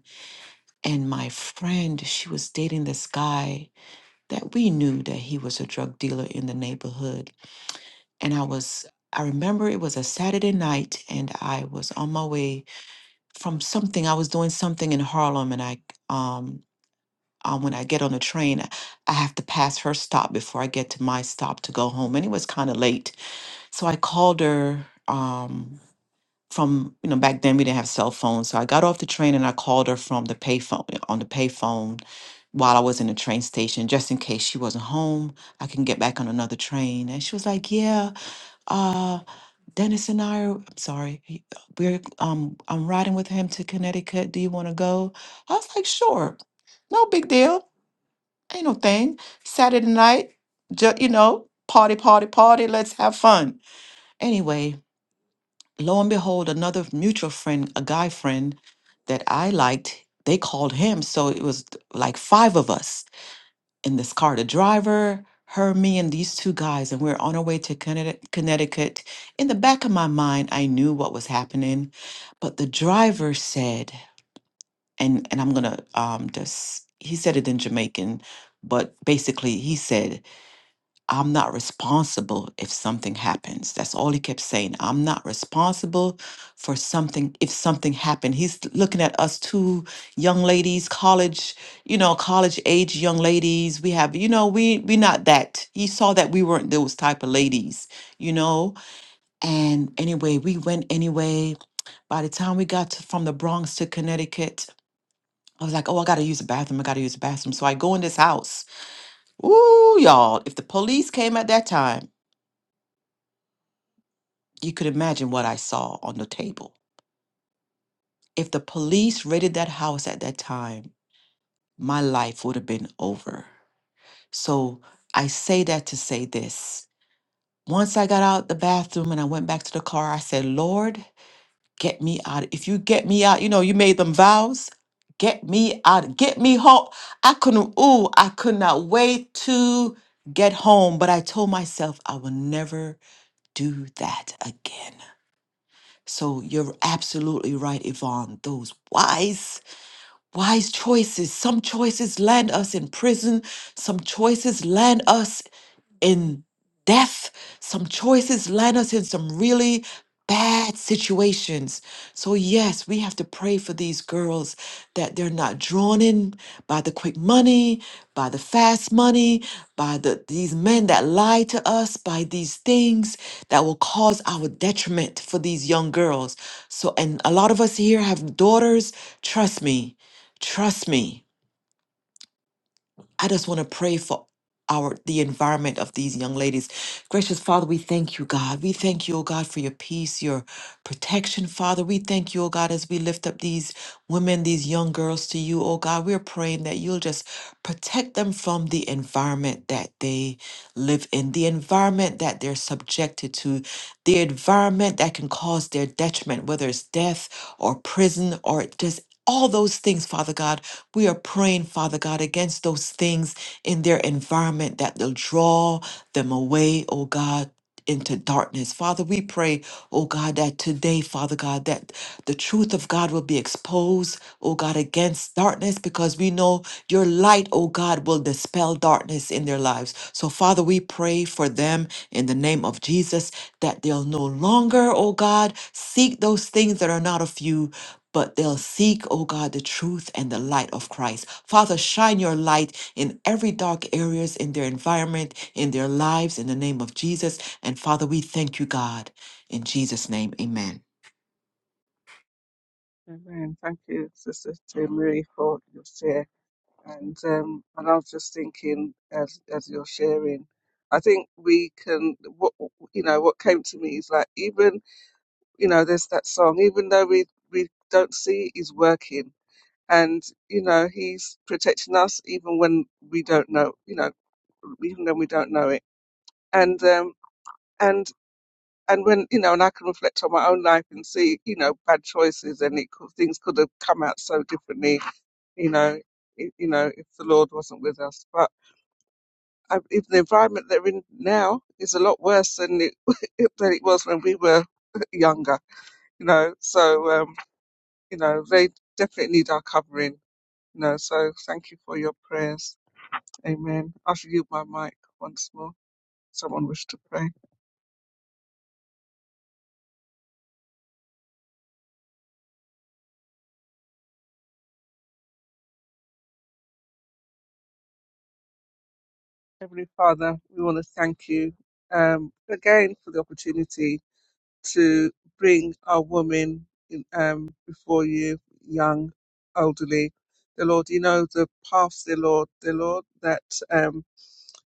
[SPEAKER 3] And my friend, she was dating this guy that we knew that he was a drug dealer in the neighborhood. And I was, I remember it was a Saturday night and I was on my way from something. I was doing something in Harlem and I, um, uh, when I get on the train, I have to pass her stop before I get to my stop to go home. And it was kind of late. So I called her um, from, you know, back then we didn't have cell phones. So I got off the train and I called her from the payphone, on the payphone while I was in the train station, just in case she wasn't home. I can get back on another train. And she was like, yeah, uh, Dennis and I, are, I'm sorry, he- we're, um, I'm riding with him to Connecticut. Do you want to go? I was like, sure, no big deal. Ain't no thing. Saturday night, ju- you know, party, party, party. Let's have fun. Anyway, lo and behold, another mutual friend, a guy friend that I liked, they called him. So it was th- like five of us in this car the driver, her, me, and these two guys. And we are on our way to Connecti- Connecticut. In the back of my mind, I knew what was happening. But the driver said, and, and I'm going to um, just, he said it in Jamaican, but basically he said, I'm not responsible if something happens. That's all he kept saying. I'm not responsible for something if something happened. He's looking at us two young ladies, college, you know, college age young ladies. We have, you know, we we not that. He saw that we weren't those type of ladies, you know. And anyway, we went anyway. By the time we got to, from the Bronx to Connecticut, I was like, oh, I gotta use the bathroom. I gotta use the bathroom. So I go in this house. Ooh, y'all! If the police came at that time. You could imagine what I saw on the table. If the police raided that house at that time, my life would have been over. So I say that to say this. Once I got out the bathroom and I went back to the car, I said, Lord, get me out. If you get me out, you know, you made them vows. Get me out. Get me home. I couldn't, ooh, I could not wait to get home. But I told myself I will never do that again. So you're absolutely right, Yvonne. Those wise, wise choices. Some choices land us in prison. Some choices land us in death. Some choices land us in some really bad situations. So, yes, we have to pray for these girls that they're not drawn in by the quick money, by the fast money, by the these men that lie to us, by these things that will cause our detriment for these young girls. So, and a lot of us here have daughters. Trust me, trust me. I just want to pray for our the environment of these young ladies. Gracious Father, we thank you, God. We thank you, oh God, for your peace, your protection, Father. We thank you, oh God, as we lift up these women, these young girls to you, oh God. We're praying that you'll just protect them from the environment that they live in, the environment that they're subjected to, the environment that can cause their detriment, whether it's death or prison or just all those things, Father God. We are praying, Father God, against those things in their environment that will draw them away, oh God. Into darkness. Father, we pray, oh God, that today, Father God, that the truth of God will be exposed, oh God, against darkness because we know your light, oh God, will dispel darkness in their lives. So, Father, we pray for them in the name of Jesus that they'll no longer, oh God, seek those things that are not of you, but they'll seek, oh God, the truth and the light of Christ. Father, shine your light in every dark areas in their environment, in their lives, in the name of Jesus. And Father, we thank you, God. In Jesus' name, amen.
[SPEAKER 1] Amen. Thank you, Sister Marie, for your share. And um, and I was just thinking as as you're sharing, I think we can. What you know, what came to me is like even you know, there's that song. Even though we we don't see, it, he's working, and you know, he's protecting us even when we don't know. You know, even when we don't know it. And um and and when you know, and I can reflect on my own life and see you know bad choices and it could, things could have come out so differently. You know, i- you know, if the Lord wasn't with us, but I, even the environment they're in now is a lot worse than it than it was when we were younger. You know, so um, you know they definitely need our covering. You know, so thank you for your prayers. Amen. I shall yield my mic once more. Someone wish to pray. Heavenly Father, we want to thank you um, again for the opportunity to bring our women in, um, before you, young, elderly. The Lord, you know the paths, the Lord, the Lord that. Um,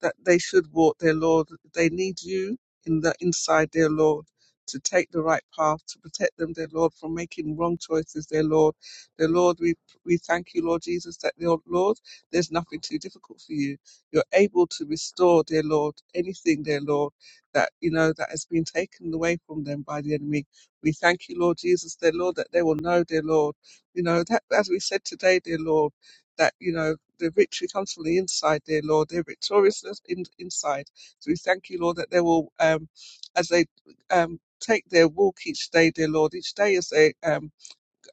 [SPEAKER 1] that they should walk their Lord. They need you in the inside, dear Lord, to take the right path, to protect them, their Lord, from making wrong choices, their Lord. Their Lord, we we thank you, Lord Jesus, that dear Lord, there's nothing too difficult for you. You're able to restore, dear Lord, anything, dear Lord, that you know that has been taken away from them by the enemy. We thank you, Lord Jesus, dear Lord, that they will know, dear Lord, you know, that as we said today, dear Lord, that, you know. The victory comes from the inside, dear Lord. They're victorious in, inside. So we thank you, Lord, that they will, um, as they um, take their walk each day, dear Lord, each day as they um,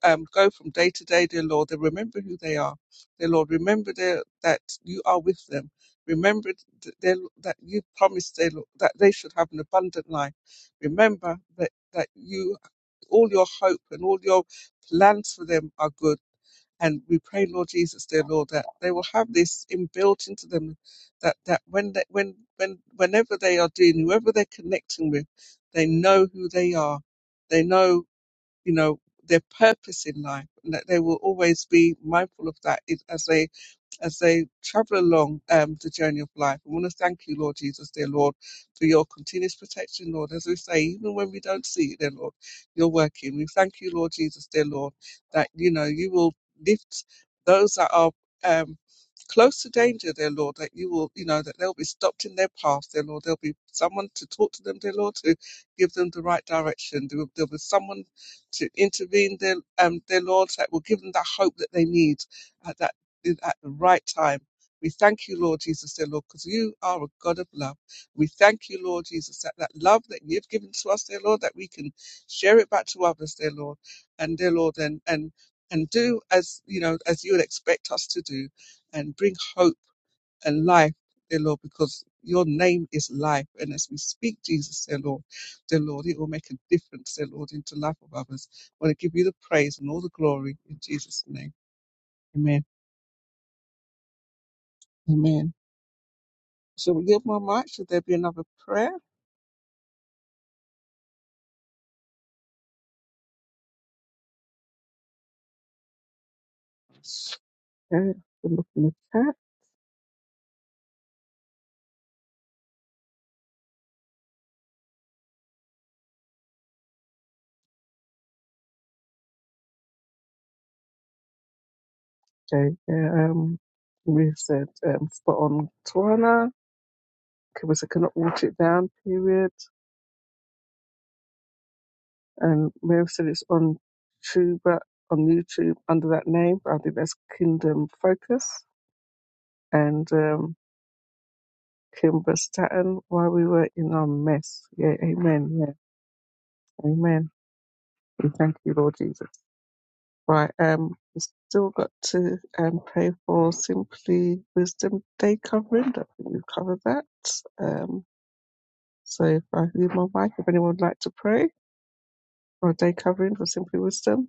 [SPEAKER 1] um, go from day to day, dear Lord, they remember who they are. Dear Lord, remember their, that you are with them. Remember th- dear that you promised dear that they should have an abundant life. Remember that, that you all your hope and all your plans for them are good and we pray, Lord Jesus, dear Lord, that they will have this inbuilt into them, that that when they, when when whenever they are doing, whoever they're connecting with, they know who they are, they know you know their purpose in life, and that they will always be mindful of that is- as they as they travel along um, the journey of life. I want to thank you, Lord Jesus, dear Lord, for your continuous protection, Lord. As we say, even when we don't see it, dear Lord, you're working. We thank you, Lord Jesus, dear Lord, that, you know, you will lift those that are um, close to danger, dear Lord, that you will, you know, that they'll be stopped in their path, dear Lord. There'll be someone to talk to them, dear Lord, to give them the right direction. There will, there'll be someone to intervene, dear, um, dear Lord, that will give them that hope that they need, at That in- at the right time. We thank you, Lord Jesus, dear Lord, because you are a God of love. We thank you, Lord Jesus, that that love that you've given to us, dear Lord, that we can share it back to others, dear Lord, and dear Lord, and and and do as you know as you would expect us to do, and bring hope and life, dear Lord, because your name is life, and as we speak, Jesus, dear Lord, dear Lord, it will make a difference, dear Lord, into the life of others. I want to give you the praise and all the glory in Jesus' name. Amen. Amen. Should we give one mic? Should there be another prayer? Okay, we look in the chat. Okay, yeah, um, we said um, spot on Tawana. Kibisa cannot watch it down, period. And Mary said it's on Tuba, on YouTube under that name. but I think that's Kingdom Focus. And um, Kimber Staten, while we were in our mess. Yeah, amen. Yeah, amen. We thank you, Lord Jesus. Right, um, we've still got to um, pray for Simply Wisdom Day covering. I think we've covered that. Um, so if I leave my mic, if anyone would like to pray for a day covering for Simply Wisdom.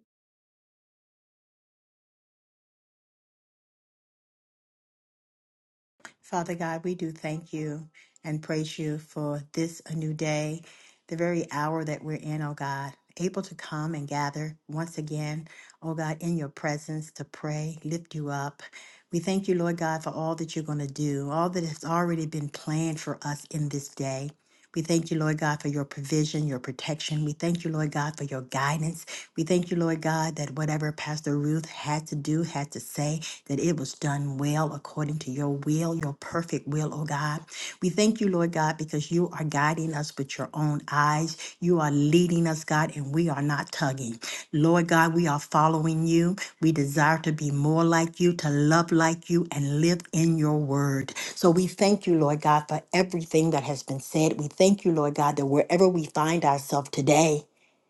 [SPEAKER 2] Father God, we do thank you and praise you for this a new day, the very hour that we're in, oh God, able to come and gather once again, oh God, in your presence to pray, lift you up. We thank you, Lord God, for all that you're going to do, all that has already been planned for us in this day. We thank you, Lord God, for your provision, your protection. We thank you, Lord God, for your guidance. We thank you, Lord God, that whatever Pastor Ruth had to do, had to say, that it was done well according to your will, your perfect will, oh God. We thank you, Lord God, because you are guiding us with your own eyes. You are leading us, God, and we are not tugging. Lord God, we are following you. We desire to be more like you, to love like you, and live in your word. So we thank you, Lord God, for everything that has been said. We thank you, Lord God, that wherever we find ourselves today,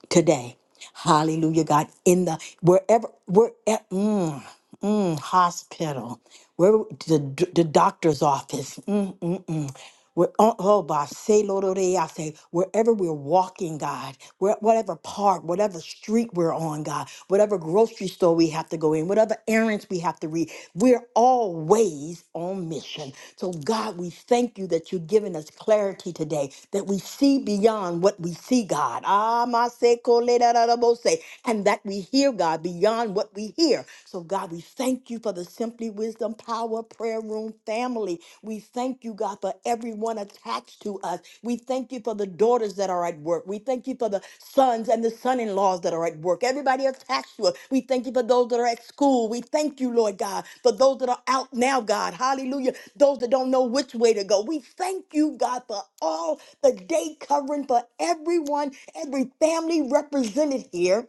[SPEAKER 2] today. Hallelujah, God. In the wherever we're at, mm, mm, hospital, where the, the doctor's office, mm, mm, mm. Where, oh, oh, boss, say, Lord, oh, they, I say, wherever we're walking, God, where, whatever park, whatever street we're on, God, whatever grocery store we have to go in, whatever errands we have to read, we're always on mission. So, God, we thank you that you've given us clarity today, that we see beyond what we see, God. Ah, my say, ko, le, da, da, da, bo, say, and that we hear, God, beyond what we hear. So, God, we thank you for the Simply Wisdom Power Prayer Room family. We thank you, God, for everyone attached to us. We thank you for the daughters that are at work. We thank you for the sons and the son in laws that are at work. Everybody attached to us. We thank you for those that are at school. We thank you, Lord God, for those that are out now, God. Hallelujah. Those that don't know which way to go. We thank you, God, for all the day covering for everyone, every family represented here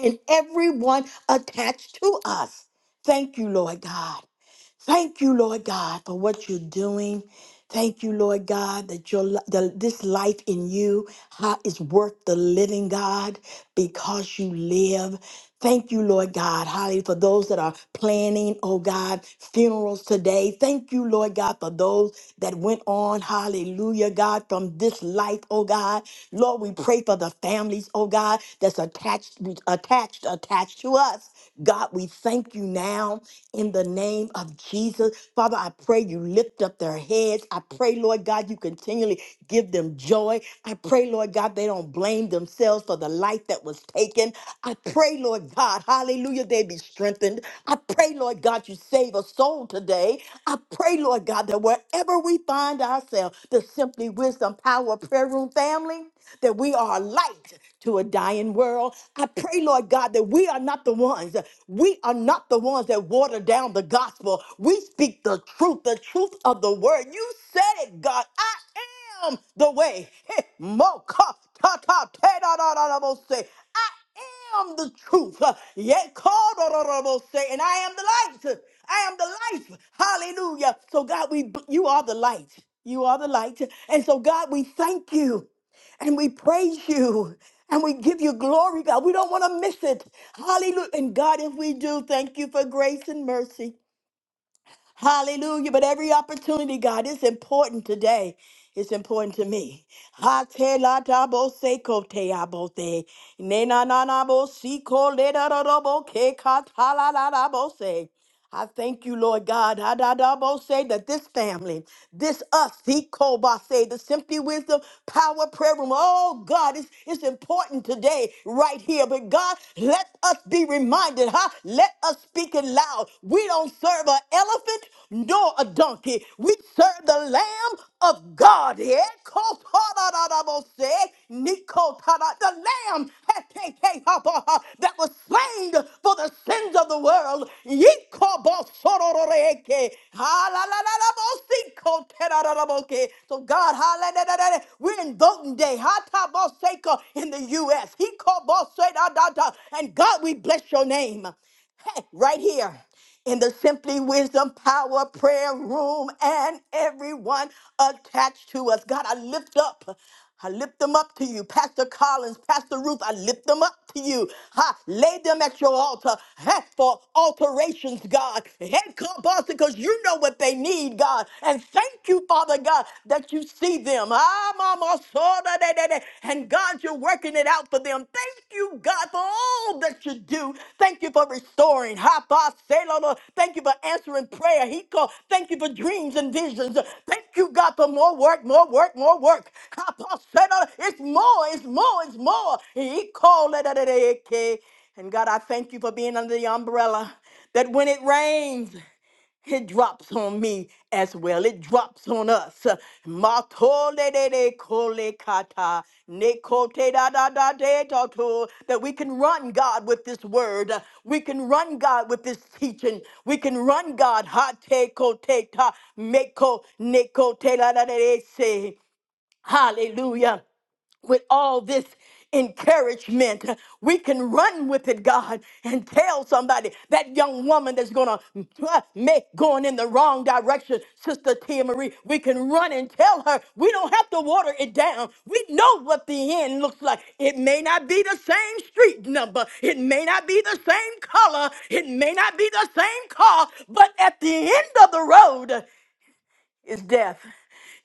[SPEAKER 2] and everyone attached to us. Thank you, Lord God. Thank you, Lord God, for what you're doing. Thank you, Lord God, that your li- the, this life in you how, is worth the living, God, because you live. Thank you, Lord God, hallelujah, for those that are planning, oh God, funerals today. Thank you, Lord God, for those that went on, hallelujah, God, from this life, oh God. Lord, we pray for the families, oh God, that's attached, attached, attached to us. God, we thank you now in the name of Jesus. Father, I pray you lift up their heads. I pray, Lord God, you continue continually give them joy. I pray, Lord God, they don't blame themselves for the life that was taken. I pray, Lord God, hallelujah, they be strengthened. I pray, Lord God, you save a soul today. I pray, Lord God, that wherever we find ourselves, the Simply Wisdom Power Prayer Room family, that we are a light to a dying world. I pray, Lord God, that we are not the ones. We are not the ones that water down the gospel. We speak the truth, the truth of the word. You said it, God. I am the way. Hey, Mo ka ta ta te da da da da mo se. I am the truth. Uh, Yet called da and I am the light. I am the light. Hallelujah. So God, we you are the light. You are the light. And so God, we thank you and we praise you and we give you glory, God. We don't want to miss it. Hallelujah. And God, if we do, thank you for grace and mercy. Hallelujah. But every opportunity, God, is important today. It's important to me. Ha te la ta bo se ko te a bo te. Ne na na na bo si ko le da da da bo ke ka ta la la la bo se. I thank you, Lord God. Ha da da bo se that this family, this us, he ko ba se, the Simply Wisdom Power Prayer Room. Oh God, it's, it's important today, right here. But God, let us be reminded minded, huh? Let us speak it loud. We don't serve an elephant nor a donkey. We serve the Lamb of God. Yeah? Kotarabose, nikotara- The Lamb has taken up, uh, that was slain for the sins of the world. Yikobosororeke, halalalabosi, kotarabose. So God, hallelujah, we're in voting day. Africa, in the U.S. He called boss da, da, da. And God, we bless your name. Hey, right here in the Simply Wisdom Power Prayer Room and everyone attached to us. God, I lift up. I lift them up to you, Pastor Collins, Pastor Ruth. I lift them up to you. Ha, lay them at your altar ha, for alterations, God. Head call, boss, because you know what they need, God. And thank you, Father God that you see them. Ah, mama, so da, da, da, da. And God, you're working it out for them. Thank you, God, for all that you do. Thank you for restoring. Ha, ba, se, lo, lo. Thank you for answering prayer. He called. Thank you for dreams and visions. Thank you, God, for more work, more work, more work. Ha, ba, se, lo, lo. It's more, it's more, it's more. He called. da, da, da, da, okay. And God, I thank you for being under the umbrella that when it rains. It drops on me as well. It drops on us. Matole de de kole kata, ne kote da da da de to to. That we can run, God, with this word. We can run, God, with this teaching. We can run, God. Ha te kote ta, meko, ne kote la da de de se. Hallelujah with all this encouragement. We can run with it, God, and tell somebody that young woman that's gonna uh, make going in the wrong direction, Sister Tia Marie. We can run and tell her we don't have to water it down. We know what the end looks like. It may not be the same street number, it may not be the same color, it may not be the same car, but at the end of the road is death.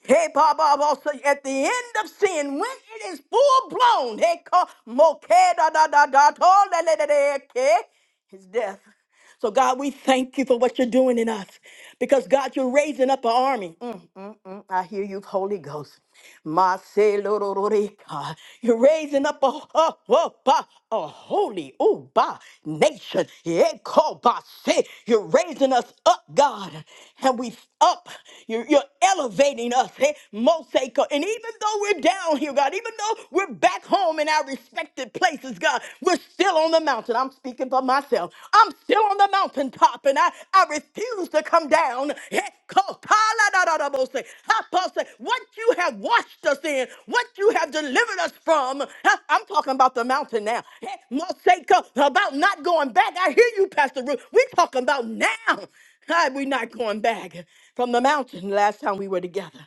[SPEAKER 2] Hey, Bob, also at the end of sin, when it is full blown, hey, call moke da da da da to le le le le, okay, is death. So, God, we thank you for what you're doing in us because, God, you're raising up an army. Mm, mm, mm. I hear you, Holy Ghost. Maselorororeka. You're raising up a, a, a, a, a holy uba nation. Ekobase. You're raising us up, God, and we up. You're, you're elevating us, eh? Mosaic. And even though we're down here, God, even though we're back back home in our respected places, God. We're still on the mountain. I'm speaking for myself. I'm still on the mountaintop, and I, I refuse to come down. Hekopala-da-da-da-bo-se. Apostle, What you have washed us in, what you have delivered us from. huh? I'm talking about the mountain now. Hey, Mosaico, About not going back. I hear you, Pastor Ruth. We're talking about now. Hi, we're not going back from the mountain last time we were together.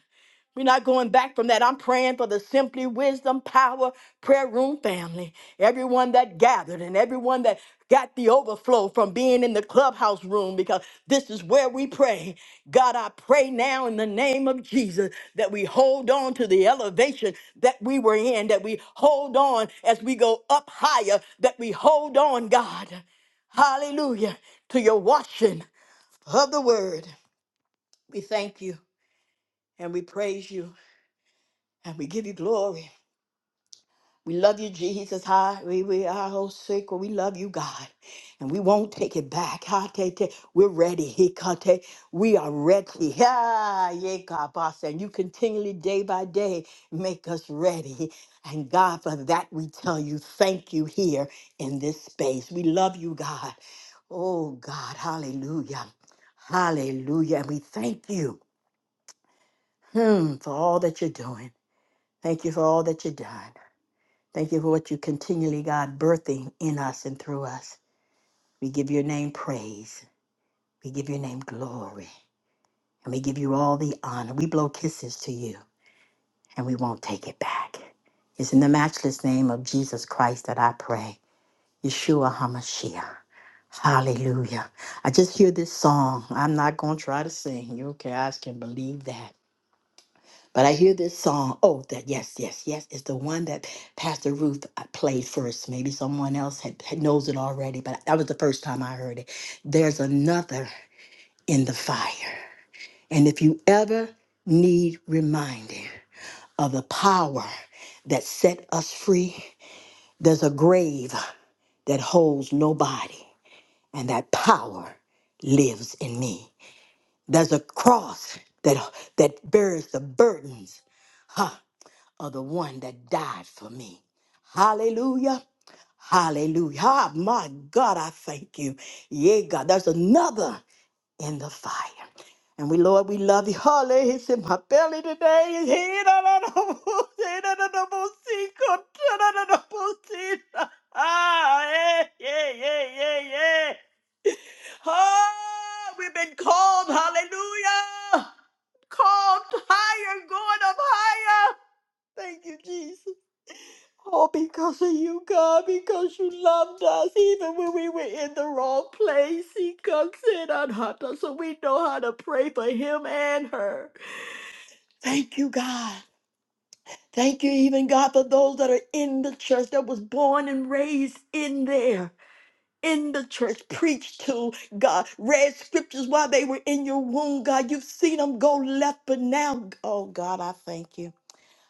[SPEAKER 2] We're not going back from that. I'm praying for the Simply Wisdom Power Prayer Room family. Everyone that gathered and everyone that got the overflow from being in the clubhouse room because this is where we pray. God, I pray now in the name of Jesus that we hold on to the elevation that we were in, that we hold on as we go up higher, that we hold on, God. Hallelujah to your washing of the word. We thank you and we praise you and we give you glory. We love you, Jesus. Hi, we we are all sick. We love you, God, and we won't take it back. Ha, te, te. We're ready. He, ka, te. We are ready. Ha, ye, ka, ba, sa. And you continually, day by day, make us ready. And God, for that we tell you, thank you here in this space. We love you, God. Oh, God, hallelujah. Hallelujah. And we thank you hmm, for all that you're doing. Thank you for all that you've done. Thank you for what you continually, God, birthing in us and through us. We give your name praise. We give your name glory. And we give you all the honor. We blow kisses to you and we won't take it back. It's in the matchless name of Jesus Christ that I pray. Yeshua HaMashiach. Hallelujah. I just hear this song. I'm not going to try to sing. You okay? I can believe that. But I hear this song. Oh, that yes, yes, yes. It's the one that Pastor Ruth uh, played first. Maybe someone else had, had knows it already, but that was the first time I heard it. There's another in the fire. And if you ever need reminding of the power that set us free, there's a grave that holds nobody, and that power lives in me. There's a cross that that bears the burdens. huh. of the one that died for me. Hallelujah. Hallelujah. Ah, my God, I thank you. Yeah, God, there's another in the fire. And we, Lord, we love you. Hallelujah. It's in my belly today. Hey, da, da, da, boo, hey, da, da, da, boo, see, go, da, da, da, da, boo, see, Ah, yeah, yeah, yeah, yeah, yeah. Oh, we've been called. Hallelujah. Called higher, going up higher. Thank you, Jesus. Oh, because of you, God, because you loved us even when we were in the wrong place. He comes in on Hunter, so we know how to pray for him and her. Thank you, God. Thank you, even God, for those that are in the church that was born and raised in there. In the church, preached to God, read scriptures while they were in your womb, God. You've seen them go left, but now, oh God, I thank you.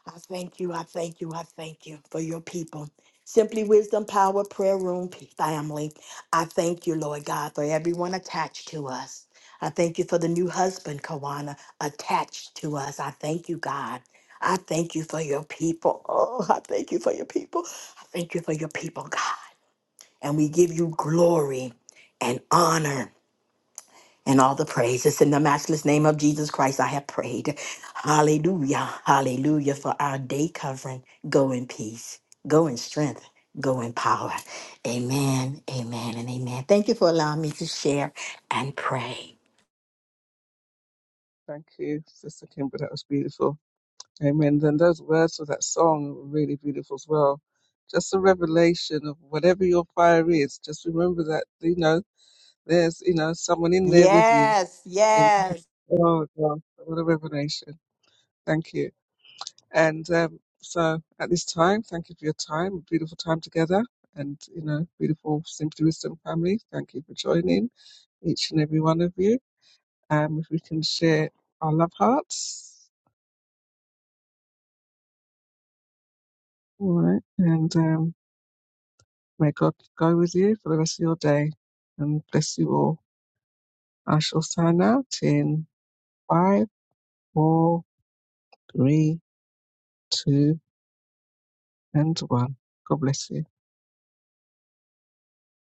[SPEAKER 2] I thank you, I thank you, I thank you for your people. Simply Wisdom Power Prayer Room p- family. I thank you, Lord God, for everyone attached to us. I thank you for the new husband, Kawana, attached to us. I thank you, God. I thank you for your people. Oh, I thank you for your people. I thank you for your people, God. And we give you glory and honor and all the praises in the matchless name of Jesus Christ. I have prayed. Hallelujah. Hallelujah for our day covering. Go in peace. Go in strength. Go in power. Amen. Amen. And amen. Thank you for allowing me to share and pray.
[SPEAKER 1] Thank you, Sister Kimber. That was beautiful. Amen. Then those words of that song were really beautiful as well. Just a revelation of whatever your fire is. Just remember that, you know, there's, you know, someone in there with you.
[SPEAKER 2] Yes.
[SPEAKER 1] Amen.
[SPEAKER 2] Yes.
[SPEAKER 1] Oh, God, what a revelation. Thank you. And um, so at this time, thank you for your time, beautiful time together, and you know, beautiful Simply Wisdom family. Thank you for joining, each and every one of you. Um, if we can share our love hearts, all right, and um, may God go with you for the rest of your day, and bless you all. I shall sign out in five, four, three, two, and one. God bless you.